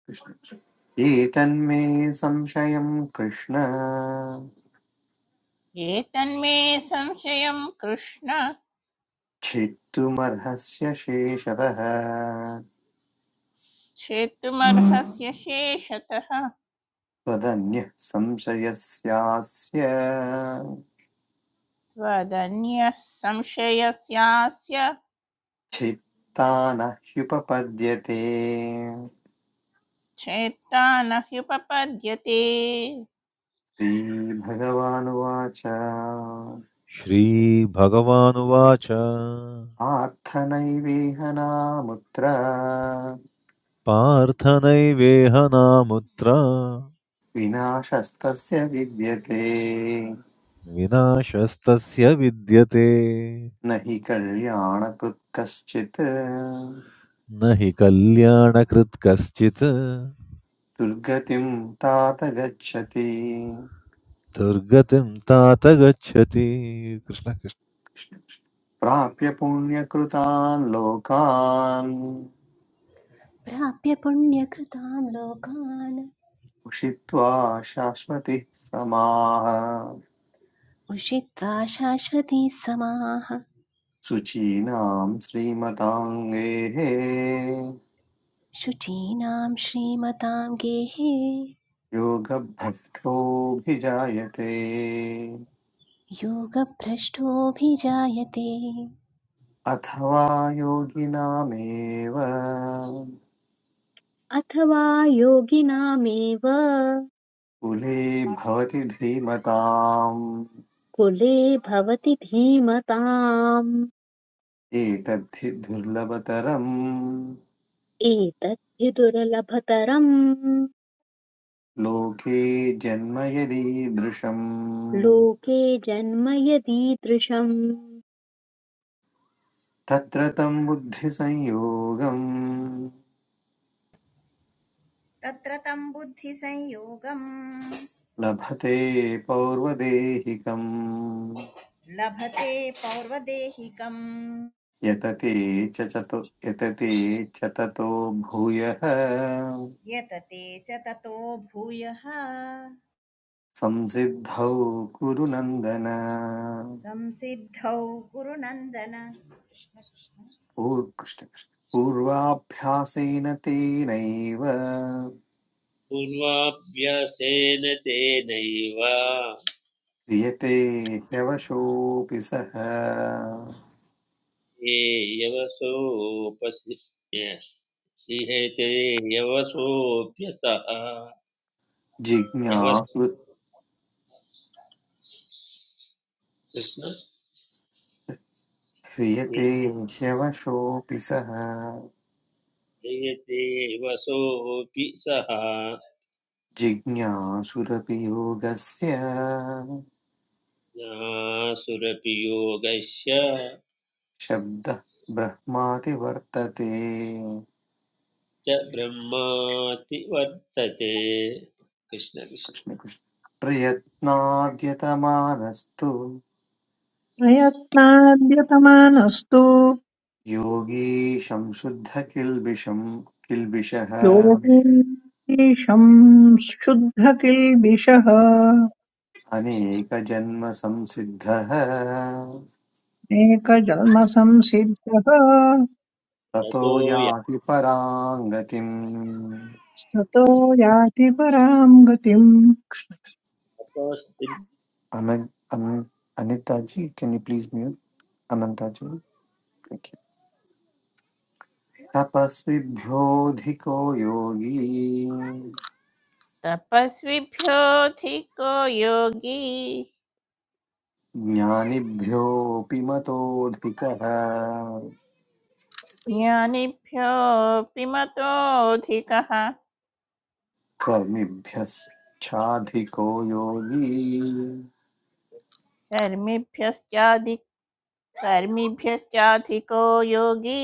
S4: कृष्ण, कृष्ण। एतन्मे संशयं कृष्ण
S6: ये तन्मे संशयं कृष्ण
S4: छेत्तुमर्हस्य शेषतः
S6: छेत्तुमर्हस्य शेषतः
S4: त्वदन्यः संशयस्यास्य
S6: त्वदन्यः संशयस्यास्य
S4: छित्ता न ह्युपपद्यते
S6: छेत्ता न ह्युपपद्यते
S4: श्रीभगवानुवाच
S7: श्रीभगवानुवाच
S4: पार्थनैवेह नामुत्र
S7: पार्थ नैवेह नामुत्र
S4: विनाशस्तस्य विद्यते
S7: विनाशस्तस्य विद्यते
S4: न हि कल्याणकृत् कश्चित्
S7: न हि कल्याणकृत् कश्चित्
S4: दुर्गतिं तात गच्छति
S7: दुर्गतिं तात गच्छति कृष्ण कृष्ण
S4: प्राप्य पुण्यकृतान् लोकान्
S8: प्राप्य पुण्यकृतां लोकान्
S4: उषित्वा शाश्वतिः समाः
S8: उषित्वा शाश्वती समाः
S4: शुचीनां श्रीमताङ्गेः
S8: शुचीनां श्रीमतां गेहे
S4: योगभ्रष्टोऽभिजायते
S8: योगभ्रष्टोऽभिजायते
S4: अथवा योगिनामेव
S2: अथवा योगिनामेव
S4: कुले भवति धीमताम्
S2: कुले भवति धीमताम्
S4: एतद्धि दुर्लभतरम्
S2: एतद्धि दुर्लभतरम्
S4: लोके जन्म यदीदृशम्
S2: लोके जन्म यदीदृशम्
S4: तत्र तं बुद्धिसंयोगं
S1: तत्र तं बुद्धिसंयोगम्
S4: लभते पौर्वदेहिकम्
S1: लभते पौर्वदेहिकम्
S4: यतते च चतो यतते च ततो भूयः
S1: यतते च ततो भूयः
S4: संसिद्धौ कुरु नन्दन
S1: संसिद्धौ गुरुनन्दन कृष्ण कृष्ण
S4: पूर्- कृष्ण कृष्ण। पूर्वाभ्यासेन तेनैव
S3: पूर्वाभ्यासेन तेनैव
S4: क्रियते ह्यवशोऽपि सः
S3: ये यवसोपसि इहते यवसोऽभ्यसः यवस
S4: जिज्ञासु
S3: कृष्ण
S4: क्रियते ह्यवशोऽपि सः
S3: जयते वसोऽपि सः
S4: जिज्ञासुरपि योगस्य
S3: ज्ञासुरपि योगस्य
S4: शब्दः ब्रह्माति वर्तते
S3: च ब्रह्माति वर्तते कृष्ण
S4: कृष्ण
S3: कृष्ण
S4: कृष्ण प्रयत्नाद्यतमानस्तु
S5: प्रयत्नाद्यतमानस्तु
S4: योगी संशुद्ध किल्बिषम् किल्बिषः
S5: योगीशम् शुद्धकिल्बिषः
S4: अनेकजन्मसंसिद्धः
S5: अनेकजन्मसंसिद्धः
S4: ततो
S3: ततो
S4: याति पराङ्गतिम्
S5: ततो याति परां गतिम्
S3: यासस्ति
S4: अन अन Anitaji can you please mute Anantaji तपस्विभ्योऽधिको योगी
S6: तपस्विभ्योऽधिको योगी
S4: ज्ञानिभ्योऽपि मतोऽधिकः
S6: ज्ञानिभ्योऽपि मतोऽधिकः
S4: कर्मिभ्यश्चाधिको योगी
S6: कर्मिभ्यश्चादि कर्मिभ्यश्चाधिको योगी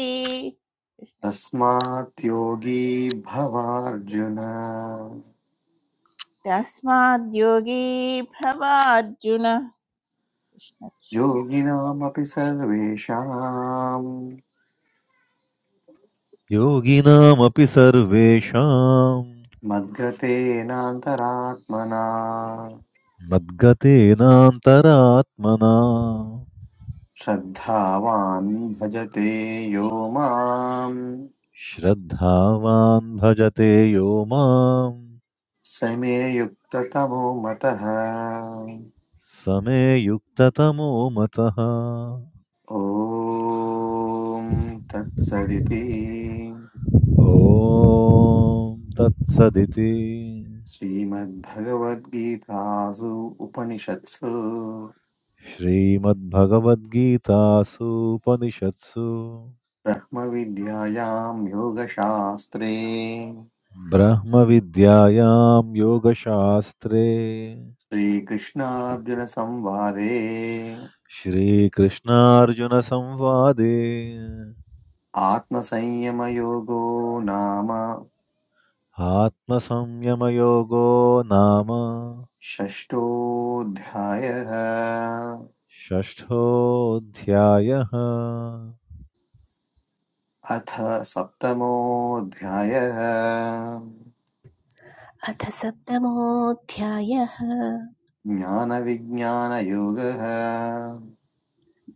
S4: तस्मात् योगी भवार्जुन
S6: तस्माद्योगी भवार्जुन कृष्ण कृष्ण।
S4: योगिनामपि सर्वेषाम्
S7: योगिनामपि सर्वेषां
S4: मद्गतेनान्तरात्मना
S7: मद्गतेनान्तरात्मना
S4: श्रद्धावान् भजते यो माम्
S7: श्रद्धावान् भजते यो मां
S4: स मे युक्ततमो मतः
S7: समे युक्ततमो मतः
S4: ॐ तत्सदिति
S7: ॐ तत्सदिति
S4: श्रीमद्भगवद्गीतासु उपनिषत्सु
S7: श्रीमद्भगवद्गीतासूपनिषत्सु
S4: ब्रह्मविद्यायां योगशास्त्रे
S7: ब्रह्मविद्यायां योगशास्त्रे
S4: श्रीकृष्णार्जुनसंवादे
S7: श्रीकृष्णार्जुनसंवादे
S4: आत्मसंयमयोगो नाम
S7: आत्मसंयमयोगो नाम
S4: षष्ठोऽध्यायः
S7: षष्ठोऽध्यायः
S4: अथ सप्तमोऽध्यायः
S8: अथ सप्तमोऽध्यायः
S4: ज्ञानविज्ञानयोगः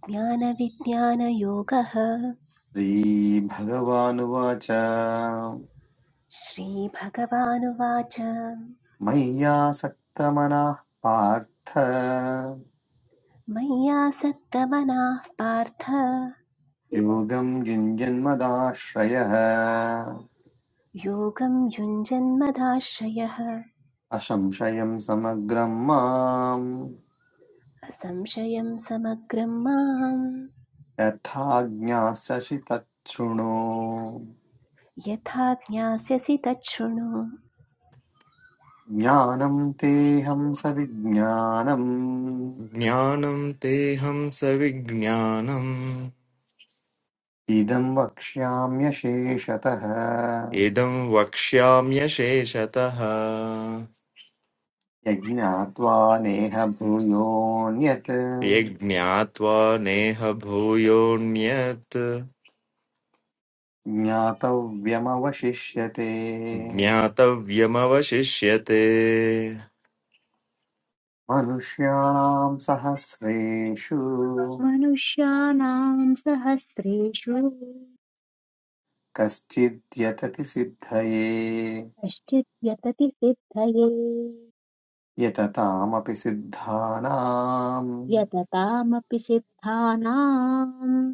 S8: ज्ञानविज्ञानयोगः
S4: श्रीभगवानुवाच
S8: श्रीभगवानुवाच
S4: मय्यासक्तमनः पार्थ
S8: मय्यासक्तमनाः पार्थ
S4: योगं युञ्जन्मदाश्रयः
S8: योगं युञ्जन्मदाश्रयः
S4: असंशयं समग्रं माम्
S8: असंशयं समग्रं माम्
S4: यथा ज्ञास्यसि तच्छृणु
S8: यथा ज्ञास्यसि तच्छृणु
S4: ज्ञानं तेऽहं सविज्ञानम्
S9: ज्ञानं तेहं सविज्ञानम्
S4: इदं वक्ष्याम्यशेषतः
S9: इदं वक्ष्याम्यशेषतः
S4: यज्ञात्वा नेह भूयोऽन्यत्
S9: यज्ञात्वा नेह भूयोऽन्यत्
S4: ज्ञातव्यमवशिष्यते
S9: ज्ञातव्यमवशिष्यते
S4: मनुष्याणां सहस्रेषु
S2: मनुष्याणाम् सहस्रेषु
S4: कश्चिद्यतति सिद्धये
S2: कश्चित् यतति सिद्धये
S4: यततामपि सिद्धानां
S2: यततामपि सिद्धानाम्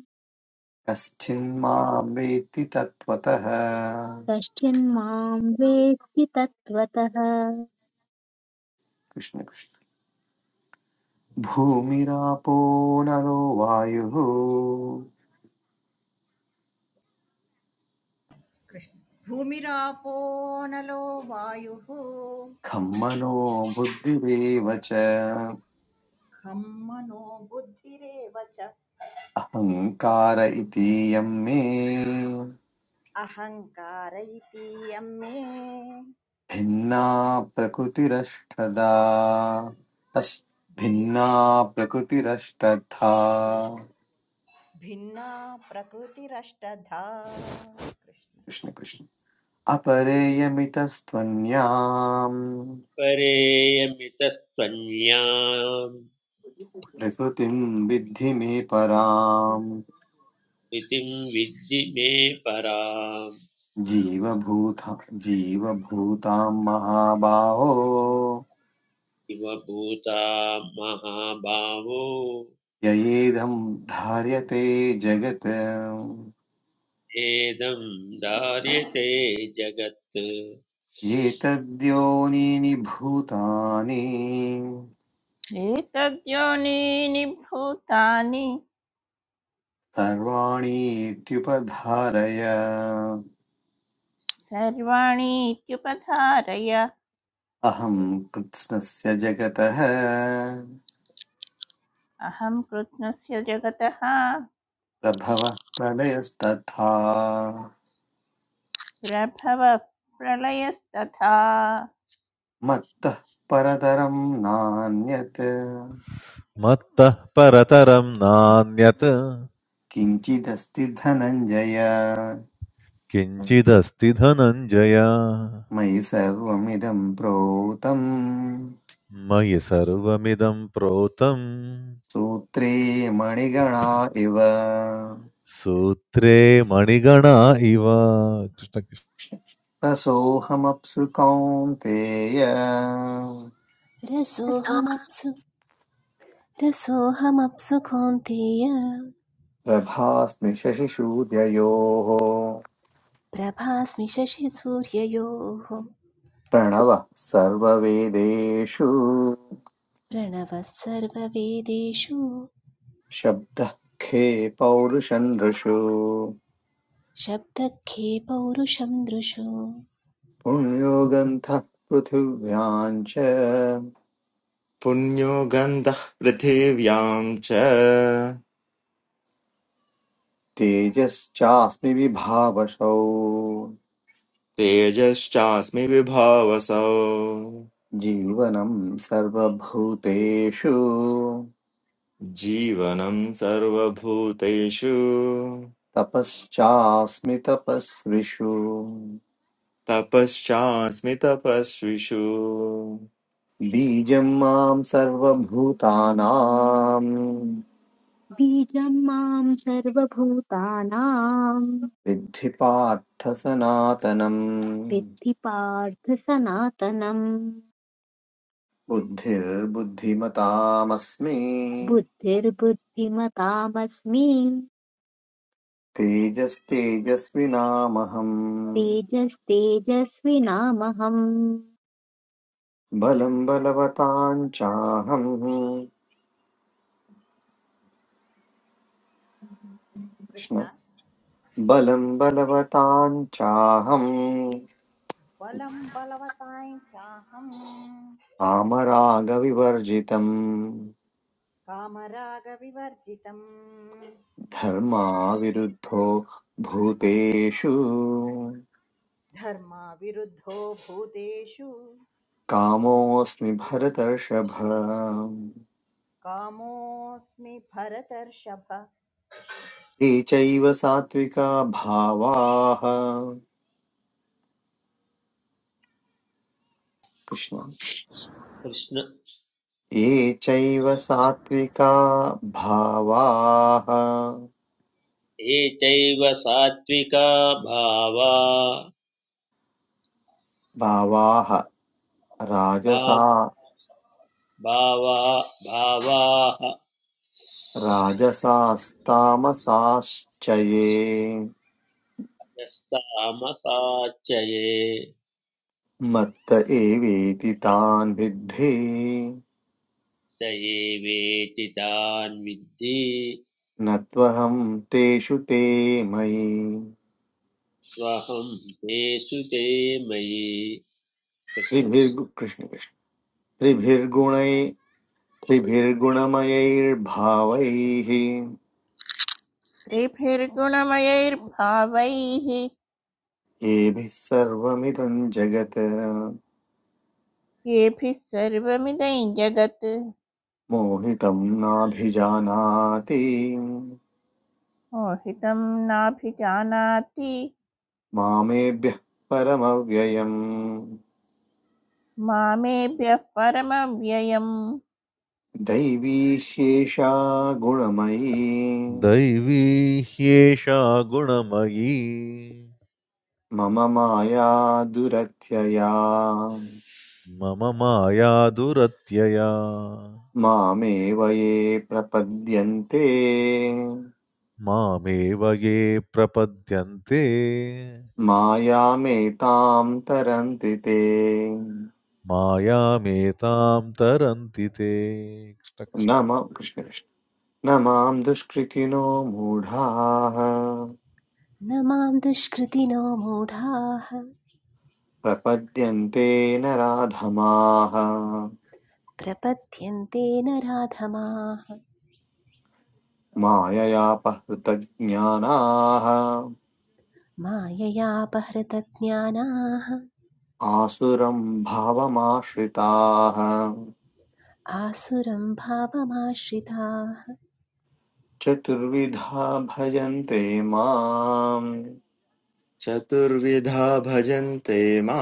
S4: कश्चिन्मां वेत्ति तत्त्वतः
S2: कश्चिन्माम् वेत्ति तत्त्वतः
S4: कृष्ण कृष्ण। भूमिरापो नरो वायुः
S1: कृष्ण भूमिरापो नलो वायुः
S4: खं मनो बुद्धिरेव च
S1: खं मनो बुद्धिरेव च
S4: अहङ्कार इतीयं मे
S1: अहङ्कार इति यं मे
S4: भिन्ना प्रकृतिरष्टदा तस्
S1: भि-
S4: भिन्ना प्रकृतिरष्टधा
S1: भिन्ना प्रकृतिरष्टधा कृष्ण
S4: कृष्ण
S1: कृष्ण
S4: कृष्ण अपरेयमितस्त्वन्याम्
S3: परेयमितस्त्वन्याम्
S4: प्रकृतिं विद्धि मे पराम्
S3: इतिं विद्धि मे पराम्
S4: जीवभूता जीवभूतां महाबाहो
S3: इव भूता महाभावो
S4: ययेदं धार्यते जगत्
S3: एदं धार्यते जगत्
S4: एतद्योनीनि भूतानि
S6: एतद्योनीनि भूतानि
S4: सर्वाणीत्युपधारय
S6: सर्वाणि इत्युपधारय
S4: अहं कृत्स्नस्य जगतः
S6: अहं कृष्णस्य जगतः
S4: प्रभवः प्रलयस्तथा
S6: प्रभव प्रलयस्तथा
S4: मत्तः परतरं नान्यत्
S7: मत्तः परतरं नान्यत्
S4: किञ्चिदस्ति धनञ्जय
S7: किञ्चिदस्ति धनञ्जय
S4: मयि सर्वमिदं प्रोतम्
S7: मयि सर्वमिदं प्रोतं
S4: सूत्रे मणिगणा इव
S7: सूत्रे मणिगणा इव कृष्ण कृष्ण।
S4: रसोऽहमप्सु कौन्तेय
S8: रसोऽहमप्सु रसोऽहमप्सु कौन्तेय
S4: प्रभास्मि शशिशूद्ययोः
S8: प्रभास्मि शशिसूर्ययोः
S4: प्रणवः सर्ववेदेषु
S8: प्रणवः सर्ववेदेषु
S4: शब्दः खे पौरुषन्दृषु
S8: शब्दखे पौरुषं दृशु
S4: पुण्यो गन्धः पृथिव्याम् च
S9: पुण्यो गन्धः पृथिव्यां च
S4: तेजश्चास्मि विभावसौ
S9: तेजश्चास्मि विभावसौ
S4: जीवनम् सर्वभूतेषु
S9: जीवनं सर्वभूतेषु
S4: तपश्चास्मि तपस्विषु
S9: तपश्चास्मि तपस्विषु
S4: बीजं मां सर्वभूतानां
S2: बीजम् माम् सर्वभूतानाम्
S4: विद्धि पार्थ सनातनम्
S2: विद्धि पार्थ सनातनम्
S4: बुद्धिर्बुद्धिमतामस्मि
S2: बुद्धिर्बुद्धिमतामस्मि
S4: तेजस्तेजस्विनामहम्
S2: तेजस्तेजस्विनामहम्
S4: बलं बलवतां चाहं कृष्ण
S1: कृष्ण
S4: बलं बलवतां चाहं
S1: बलं बलवताय चाहं
S4: कामरागविवर्जितं
S1: कामरागविवर्जितं
S4: धर्माविरुद्धो भूतेषु
S1: धर्माविरुद्धो भूतेषु
S4: कामोऽस्मि भरतर्षभ
S1: कामोऽस्मि भरतर्षभ
S4: ये चैव सात्विका भावाः कृष्ण
S3: कृष्ण
S4: ये चैव सात्विका भावाः
S3: ये सात्विका भावा
S4: भावाः राजसा
S3: भा- भावा भावाः
S4: राजसास्तामसाश्च ये
S3: यस्तामसाचये
S4: मत्त एवेति तान् विद्धि
S3: स तान् विद्धि
S4: न त्वहं तेषु ते मयि
S3: त्वहं तेषु ते मयि कृष्ण
S4: त्रिभिर्गु
S3: कृष्ण
S4: कृष्ण कृष्ण त्रिभिर्गुणै त्रिभिर्गुणमयैर्भावैः
S6: त्रिभिर्गुणमयैर्भावैः
S4: येभिः सर्वमिदं जगत्
S6: येभिः सर्वमिदं जगत्
S4: मोहितं नाभिजानाति
S6: मोहितं नाभिजानाति
S4: मामेभ्यः परमव्ययम्
S6: मामेभ्यः परमं व्ययम्
S4: दैवीशेषा गुणमयी
S7: दैवी ह्येषा गुणमयी
S4: मम माया दुरत्यया
S7: मम माया दुरत्यया
S4: मामेव ये प्रपद्यन्ते
S7: मामेव ये प्रपद्यन्ते
S4: मायामेतां तरन्ति ते
S7: मायामेतां तरन्ति ते कृष्ण कृष्ण।
S4: नम कृष्ण न माम् दुष्कृतिनो मूढाः
S8: न मां दुष्कृतिनो मूढाः
S4: प्रपद्यन्ते न
S8: प्रपद्यन्ते नराधमाः
S4: माययापहृतज्ञानाः
S8: माययापहृतज्ञानाः
S4: आसुरम् भावमाश्रिताः
S8: आसुरं भावमाश्रिताः
S4: चतुर्विधा भजन्ते माम्
S9: चतुर्विधा भजन्ते मां,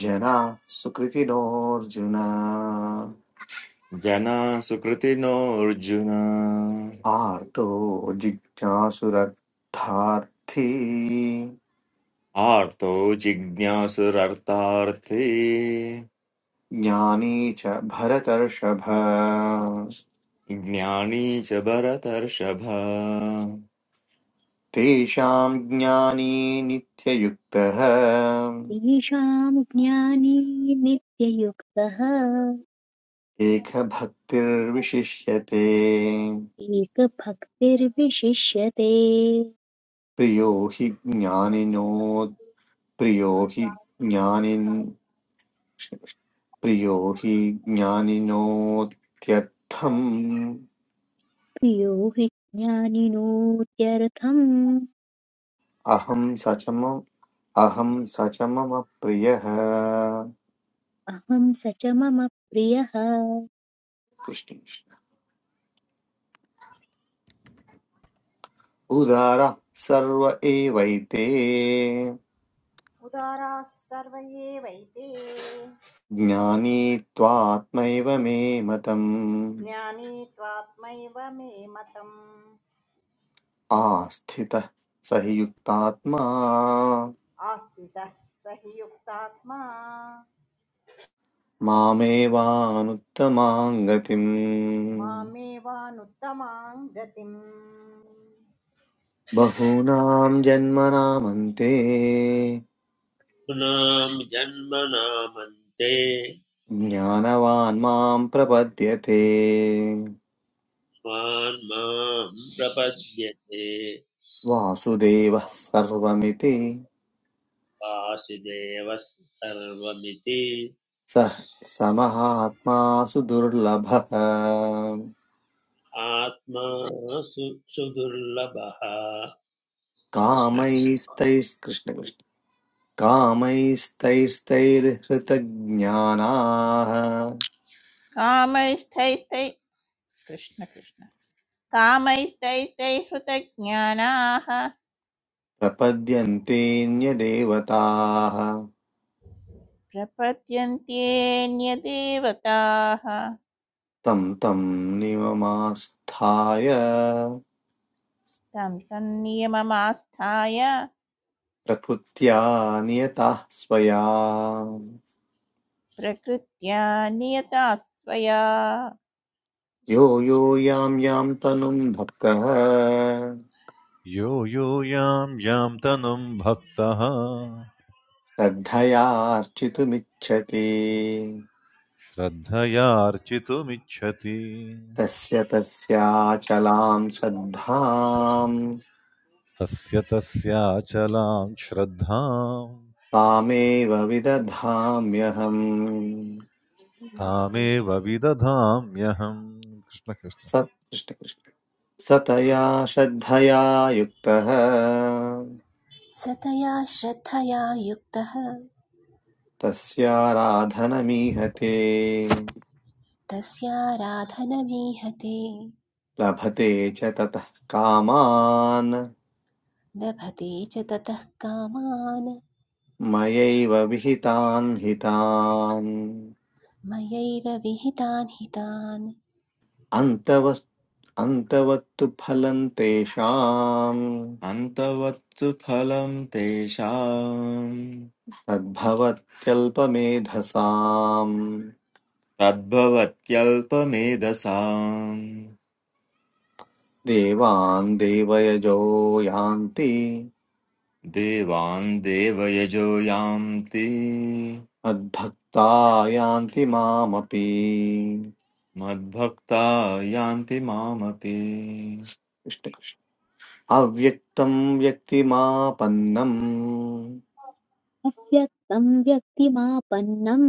S4: जनाः सुकृतिनोऽर्जुन
S9: जना सुकृतिनोऽर्जुन
S4: आर्तो जिज्ञासुरर्थार्थी
S9: आर्तो जिज्ञासुरर्तार्थी
S4: ज्ञानी च भरतर्षभ
S9: ज्ञानी च भरतर्षभ
S4: तेषां ज्ञानी नित्ययुक्तः
S2: तेषाम् ज्ञानी नित्ययुक्तः
S4: एकभक्तिर्विशिष्यते
S2: एकभक्तिर्विशिष्यते
S4: प्रियो हि ज्ञानिनोत् प्रियो हि ज्ञानिन् प्रियो हि ज्ञानिनोत्यर्थम्
S2: प्रियो हि ज्ञानिनोत्यर्थम्
S4: अहं स च मम अहं स च मम प्रियः
S2: अहं स च मम प्रियः
S4: कृष्ण कृष्ण। उदारः सर्व एवैते
S1: उदाराः सर्व एवैते
S4: ज्ञानी त्वात्मैव मे मतम्
S1: ज्ञानी त्वात्मैव मे मतम्
S4: आस्थितः स हि युक्तात्मा
S1: आस्थितः स हि युक्तात्मा
S4: मामेवानुत्तमां गतिम्
S1: मामेवानुत्तमां गतिम्
S4: बहूनां जन्मनामन्ते
S3: नाम जन्मनामन्ते
S4: ज्ञानवान् मां प्रपद्यते
S3: स्वान् मां प्रपद्यते
S4: वासुदेवः सर्वमिति
S3: वासुदेव सर्वमिति
S4: सः समहात्मा सुदुर्लभः
S3: आत्मा सु सुदुर्लभः कृष्ण कृष्ण
S4: कामैस्तैः- कृष्ण कृष्ण कामैस्तैस्तैर्हृतज्ञानाः
S6: कामैस्तैस्तै कृष्ण कृष्ण कामैस्तैस्तैः हृतज्ञानाः
S4: प्रपद्यन्तेऽन्यदेवताः
S6: प्रपद्यन्ते न्यदेवताः
S4: तं तं नियममास्थाय
S6: तं तन्नियममास्थाय
S4: प्रकृत्या नियताः स्वया
S6: प्रकृत्या नियता स्वया
S4: यो
S6: कृष्ण
S4: यो
S6: कृष्ण।
S4: यां यां तनुं भक्तः
S7: यो यो यां यां तनुं भक्तः
S4: श्रद्धयार्चितुमिच्छति
S7: श्रद्धयार्चितुमिच्छति
S4: तस्य तस्याचलां श्रद्धां
S7: तस्य तस्याचलां श्रद्धां
S4: तामेव विदधाम्यहम्
S7: तामेव विदधाम्यहम् कृष्णकृष्ण
S4: सत् कृष्णकृष्ण सतया श्रद्धया युक्तः
S8: सतया श्रद्धया युक्तः
S4: तस्याराधनमीहते
S8: तस्याराधनमीहते
S4: लभते च ततः कामान्
S8: लभते च ततः कामान्
S4: मयैव विहितान् हितान्
S8: मयैव विहितान् हितान्
S4: अन्तवस् अन्तवत्तु फलं तेषाम्
S9: अन्तवत्सु फलम् तेषाम्
S4: तद्भवत्यल्पमेधसाम्
S9: तद्भवत्यल्पमेधसाम्
S4: देवान् देवयजो यान्ति
S9: देवान् देवयजो यान्ति
S4: मद्भक्ता यान्ति मामपि
S9: मद्भक्ता यान्ति मामपि
S4: कृष्णकृष्ण अव्यक्तं व्यक्तिमापन्नं
S2: अव्यक्तं व्यक्तिमापन्नं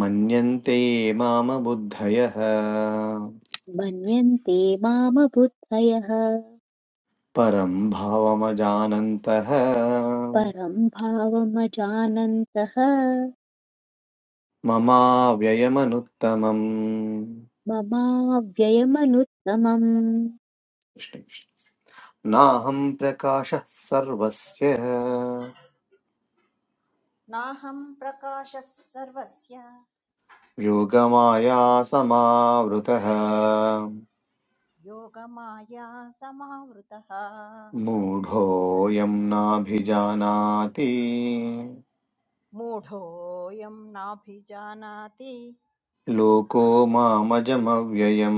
S4: मन्यन्ते माम बुद्धयः
S2: मन्यन्ते मामबुद्धयः
S4: परं भावमजानन्तः
S2: परं भावमजानन्तः
S4: ममाव्ययमनुत्तमम्
S2: ममाव्ययमनुत्तमम्
S4: कृष्णकृष्ण नाहं प्रकाशः सर्वस्य
S1: नाहं प्रकाशः सर्वस्य
S4: योगमाया समावृतः
S1: योगमाया समावृतः
S4: मूढोऽयं नाभिजानाति
S1: मूढोऽयं नाभिजानाति
S4: लोको मामजमव्ययम्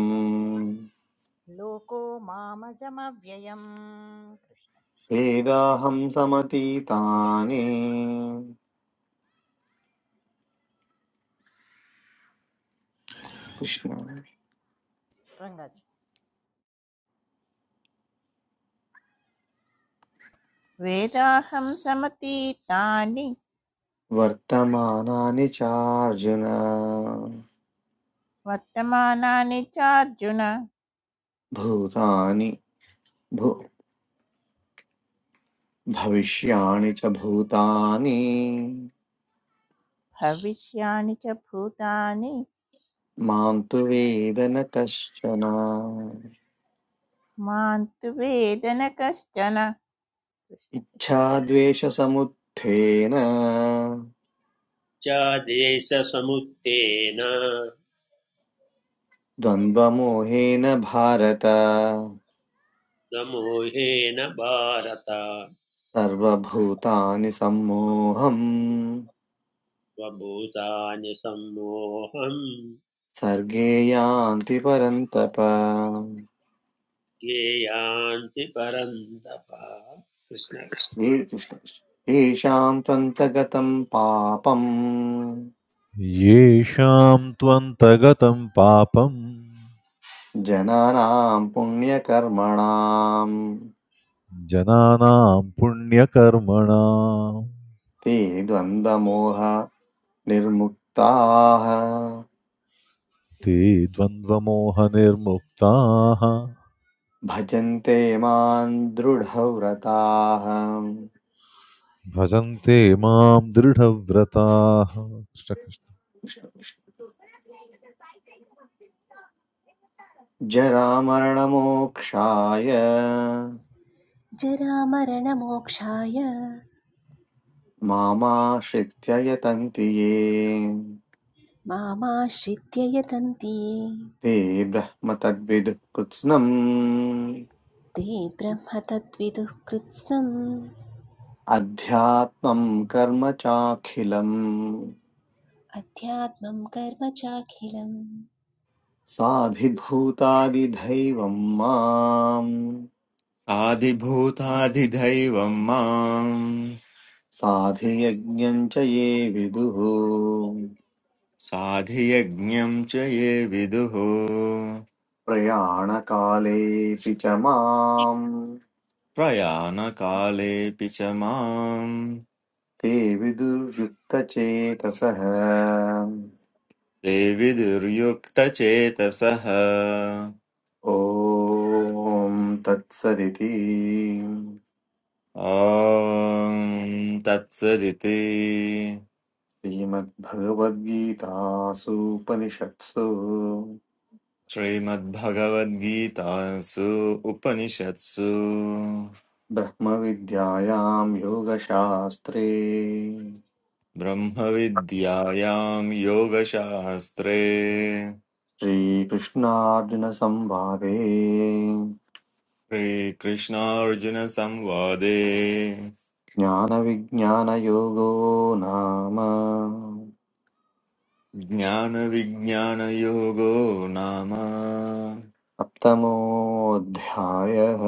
S1: लोको मामजमव्ययम् कृष्ण
S4: वेदाहं समतीतानि कृष्ण
S1: रङ्गाजी
S6: वेदाहं समतीतानि
S4: वर्तमानानि चार्जुन
S6: वर्तमानानि चार्जुन
S4: भूतानि भू भविष्याणि च भूतानि
S6: भविष्यानि च भूतानि
S4: मां तु वेद न कश्चन
S6: मां तु वेदन कश्चन कृष्ण कृष्ण
S4: इच्छाद्वेषसमुत्थेन
S3: चादेशसमुत्थेन
S4: द्वन्द्वमोहेन भारत
S3: समूहेन भारत
S4: सर्वभूतानि सम्मोहम्
S3: स्वभूतानि सम्मोहम्
S4: सर्गे यान्ति परन्तप
S3: ज्ञेयान्ति परन्तप कृष्ण कृष्ण।
S4: ये- कृष्ण- कृष्ण। येषां त्वन्तगतम् पापम्
S7: येषां त्वन्तगतं पापं
S4: जनानां पुण्यकर्मणां
S7: जनानां पुण्यकर्मणां
S4: ते द्वन्द्वमोह निर्मुक्ताः
S7: ते द्वन्द्वमोहनिर्मुक्ताः
S4: भजन्ते मां दृढव्रताः
S7: भजन्ते मां दृढव्रताः कृष्णकृष्ण
S4: जरामरणमोक्षाय
S8: जरामरणमोक्षाय
S4: मामाश्रित्य यतन्ति ये
S8: मामाश्रित्य यतन्ति
S4: ते ब्रह्मतद्विदुः कृत्स्नम्
S8: ते ब्रह्म तद्विदुः कृत्स्नम्
S4: अध्यात्मम् कर्म चाखिलम्
S8: अध्यात्मं कर्म चाखिलम्
S4: साधिभूतादिधैवम् माम्
S9: आदिभूतादिदैवं माम्
S4: साधियज्ञम् च ये विदुः
S9: साधियज्ञं च ये विदुः
S4: प्रयाणकालेऽपि च माम्
S9: प्रयाणकालेऽपि च माम्
S4: ते विदुर्युक्तचेतसः
S9: ते विदुर्युक्तचेतसः
S4: ॐ तत्सदिति
S9: ॐ तत्सदिति
S4: श्रीमद्भगवद्गीतासूपनिषत्सु
S9: श्रीमद्भगवद्गीतासु उपनिषत्सु
S4: ब्रह्मविद्यायां योगशास्त्रे
S9: ब्रह्मविद्यायां योगशास्त्रे
S4: श्रीकृष्णार्जुनसंवादे
S9: श्रीकृष्णार्जुनसंवादे
S4: ज्ञानविज्ञानयोगो नाम
S9: ज्ञानविज्ञानयोगो नाम
S4: सप्तमोऽध्यायः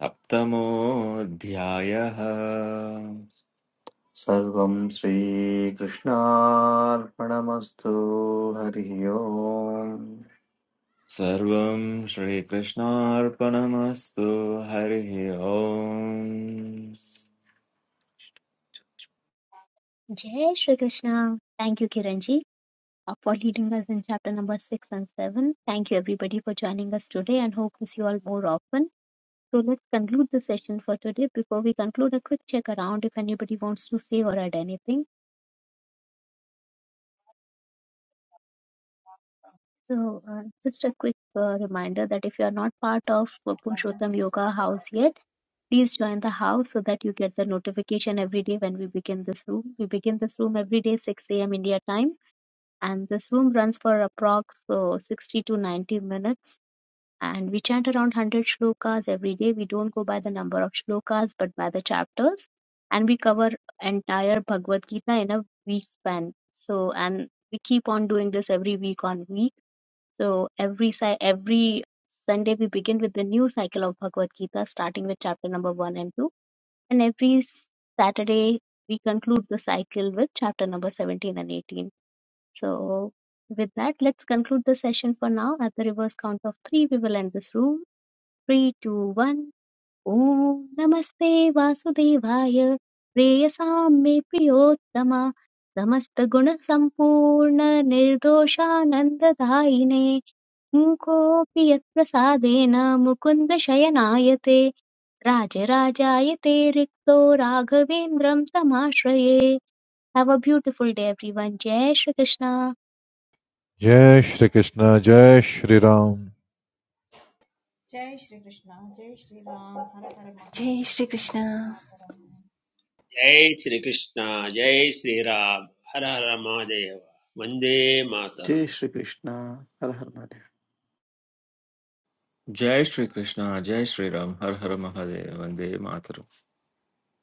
S9: सप्तमोऽध्यायः
S4: सर्वं श्रीकृष्णार्पणमस्तु हरिः ओम्
S9: सर्वं श्रीकृष्णार्पणमस्तु हरिः ओम्
S2: जय Shri Krishna thank you Kiran ji. uh, for leading us in chapter number 6 and 7. Thank you, everybody, for joining us today and hope to see you all more often. So, let's conclude the session for today. Before we conclude, a quick check around if anybody wants to say or add anything. So, uh, just a quick uh, reminder that if you are not part of uh, Purushottam Yoga House yet, please join the house so that you get the notification every day when we begin this room. We begin this room every day 6 a.m. India time, and this room runs for approx uh, 60 to 90 minutes and we chant around 100 shlokas every day. We don't go by the number of shlokas but by the chapters, and we cover entire Bhagavad Gita in a week span. So, and we keep on doing this every week on week. So, every si- every Sunday we begin with the new cycle of Bhagavad Gita, starting with chapter number one and two, and every Saturday we conclude the cycle with chapter number 17 and 18. So, with that, let's conclude the session for now. At the reverse count of three, we will end this room. Three two one ॐ नमस्ते वासुदेवाय प्रेयसां मे प्रियोत्तम समस्तगुणसम्पूर्ण निर्दोषानन्ददायिने मूकोऽपि यत्प्रसादेन मुकुन्द शयनायते राजराजायते रिक्तो राघवेन्द्रं तमाश्रये have a beautiful day everyone जय श्रीकृष्ण
S7: जय श्रीकृष्ण जय श्रीराम
S1: जय श्रीकृष्ण जय श्रीराम हर हर
S8: जय
S1: महादेव
S8: श्रीकृष्ण
S1: वन्दे मातरम्
S3: जय श्रीकृष्ण जय श्रीराम हर हर महादेव वन्दे
S4: जय
S3: मातरम्
S4: श्रीकृष्ण हर हर महादेव
S9: जय श्रीकृष्ण जय श्रीराम हर हर महादेव वन्दे मातरम्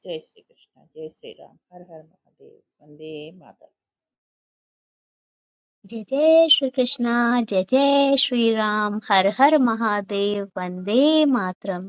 S6: जय श्रीकृष्ण जय श्री राम हर हर महादेव वन्दे मातरम्
S2: जय जय श्रीकृष्ण जय जय श्रीराम हर हर महादेव वन्दे मातरम्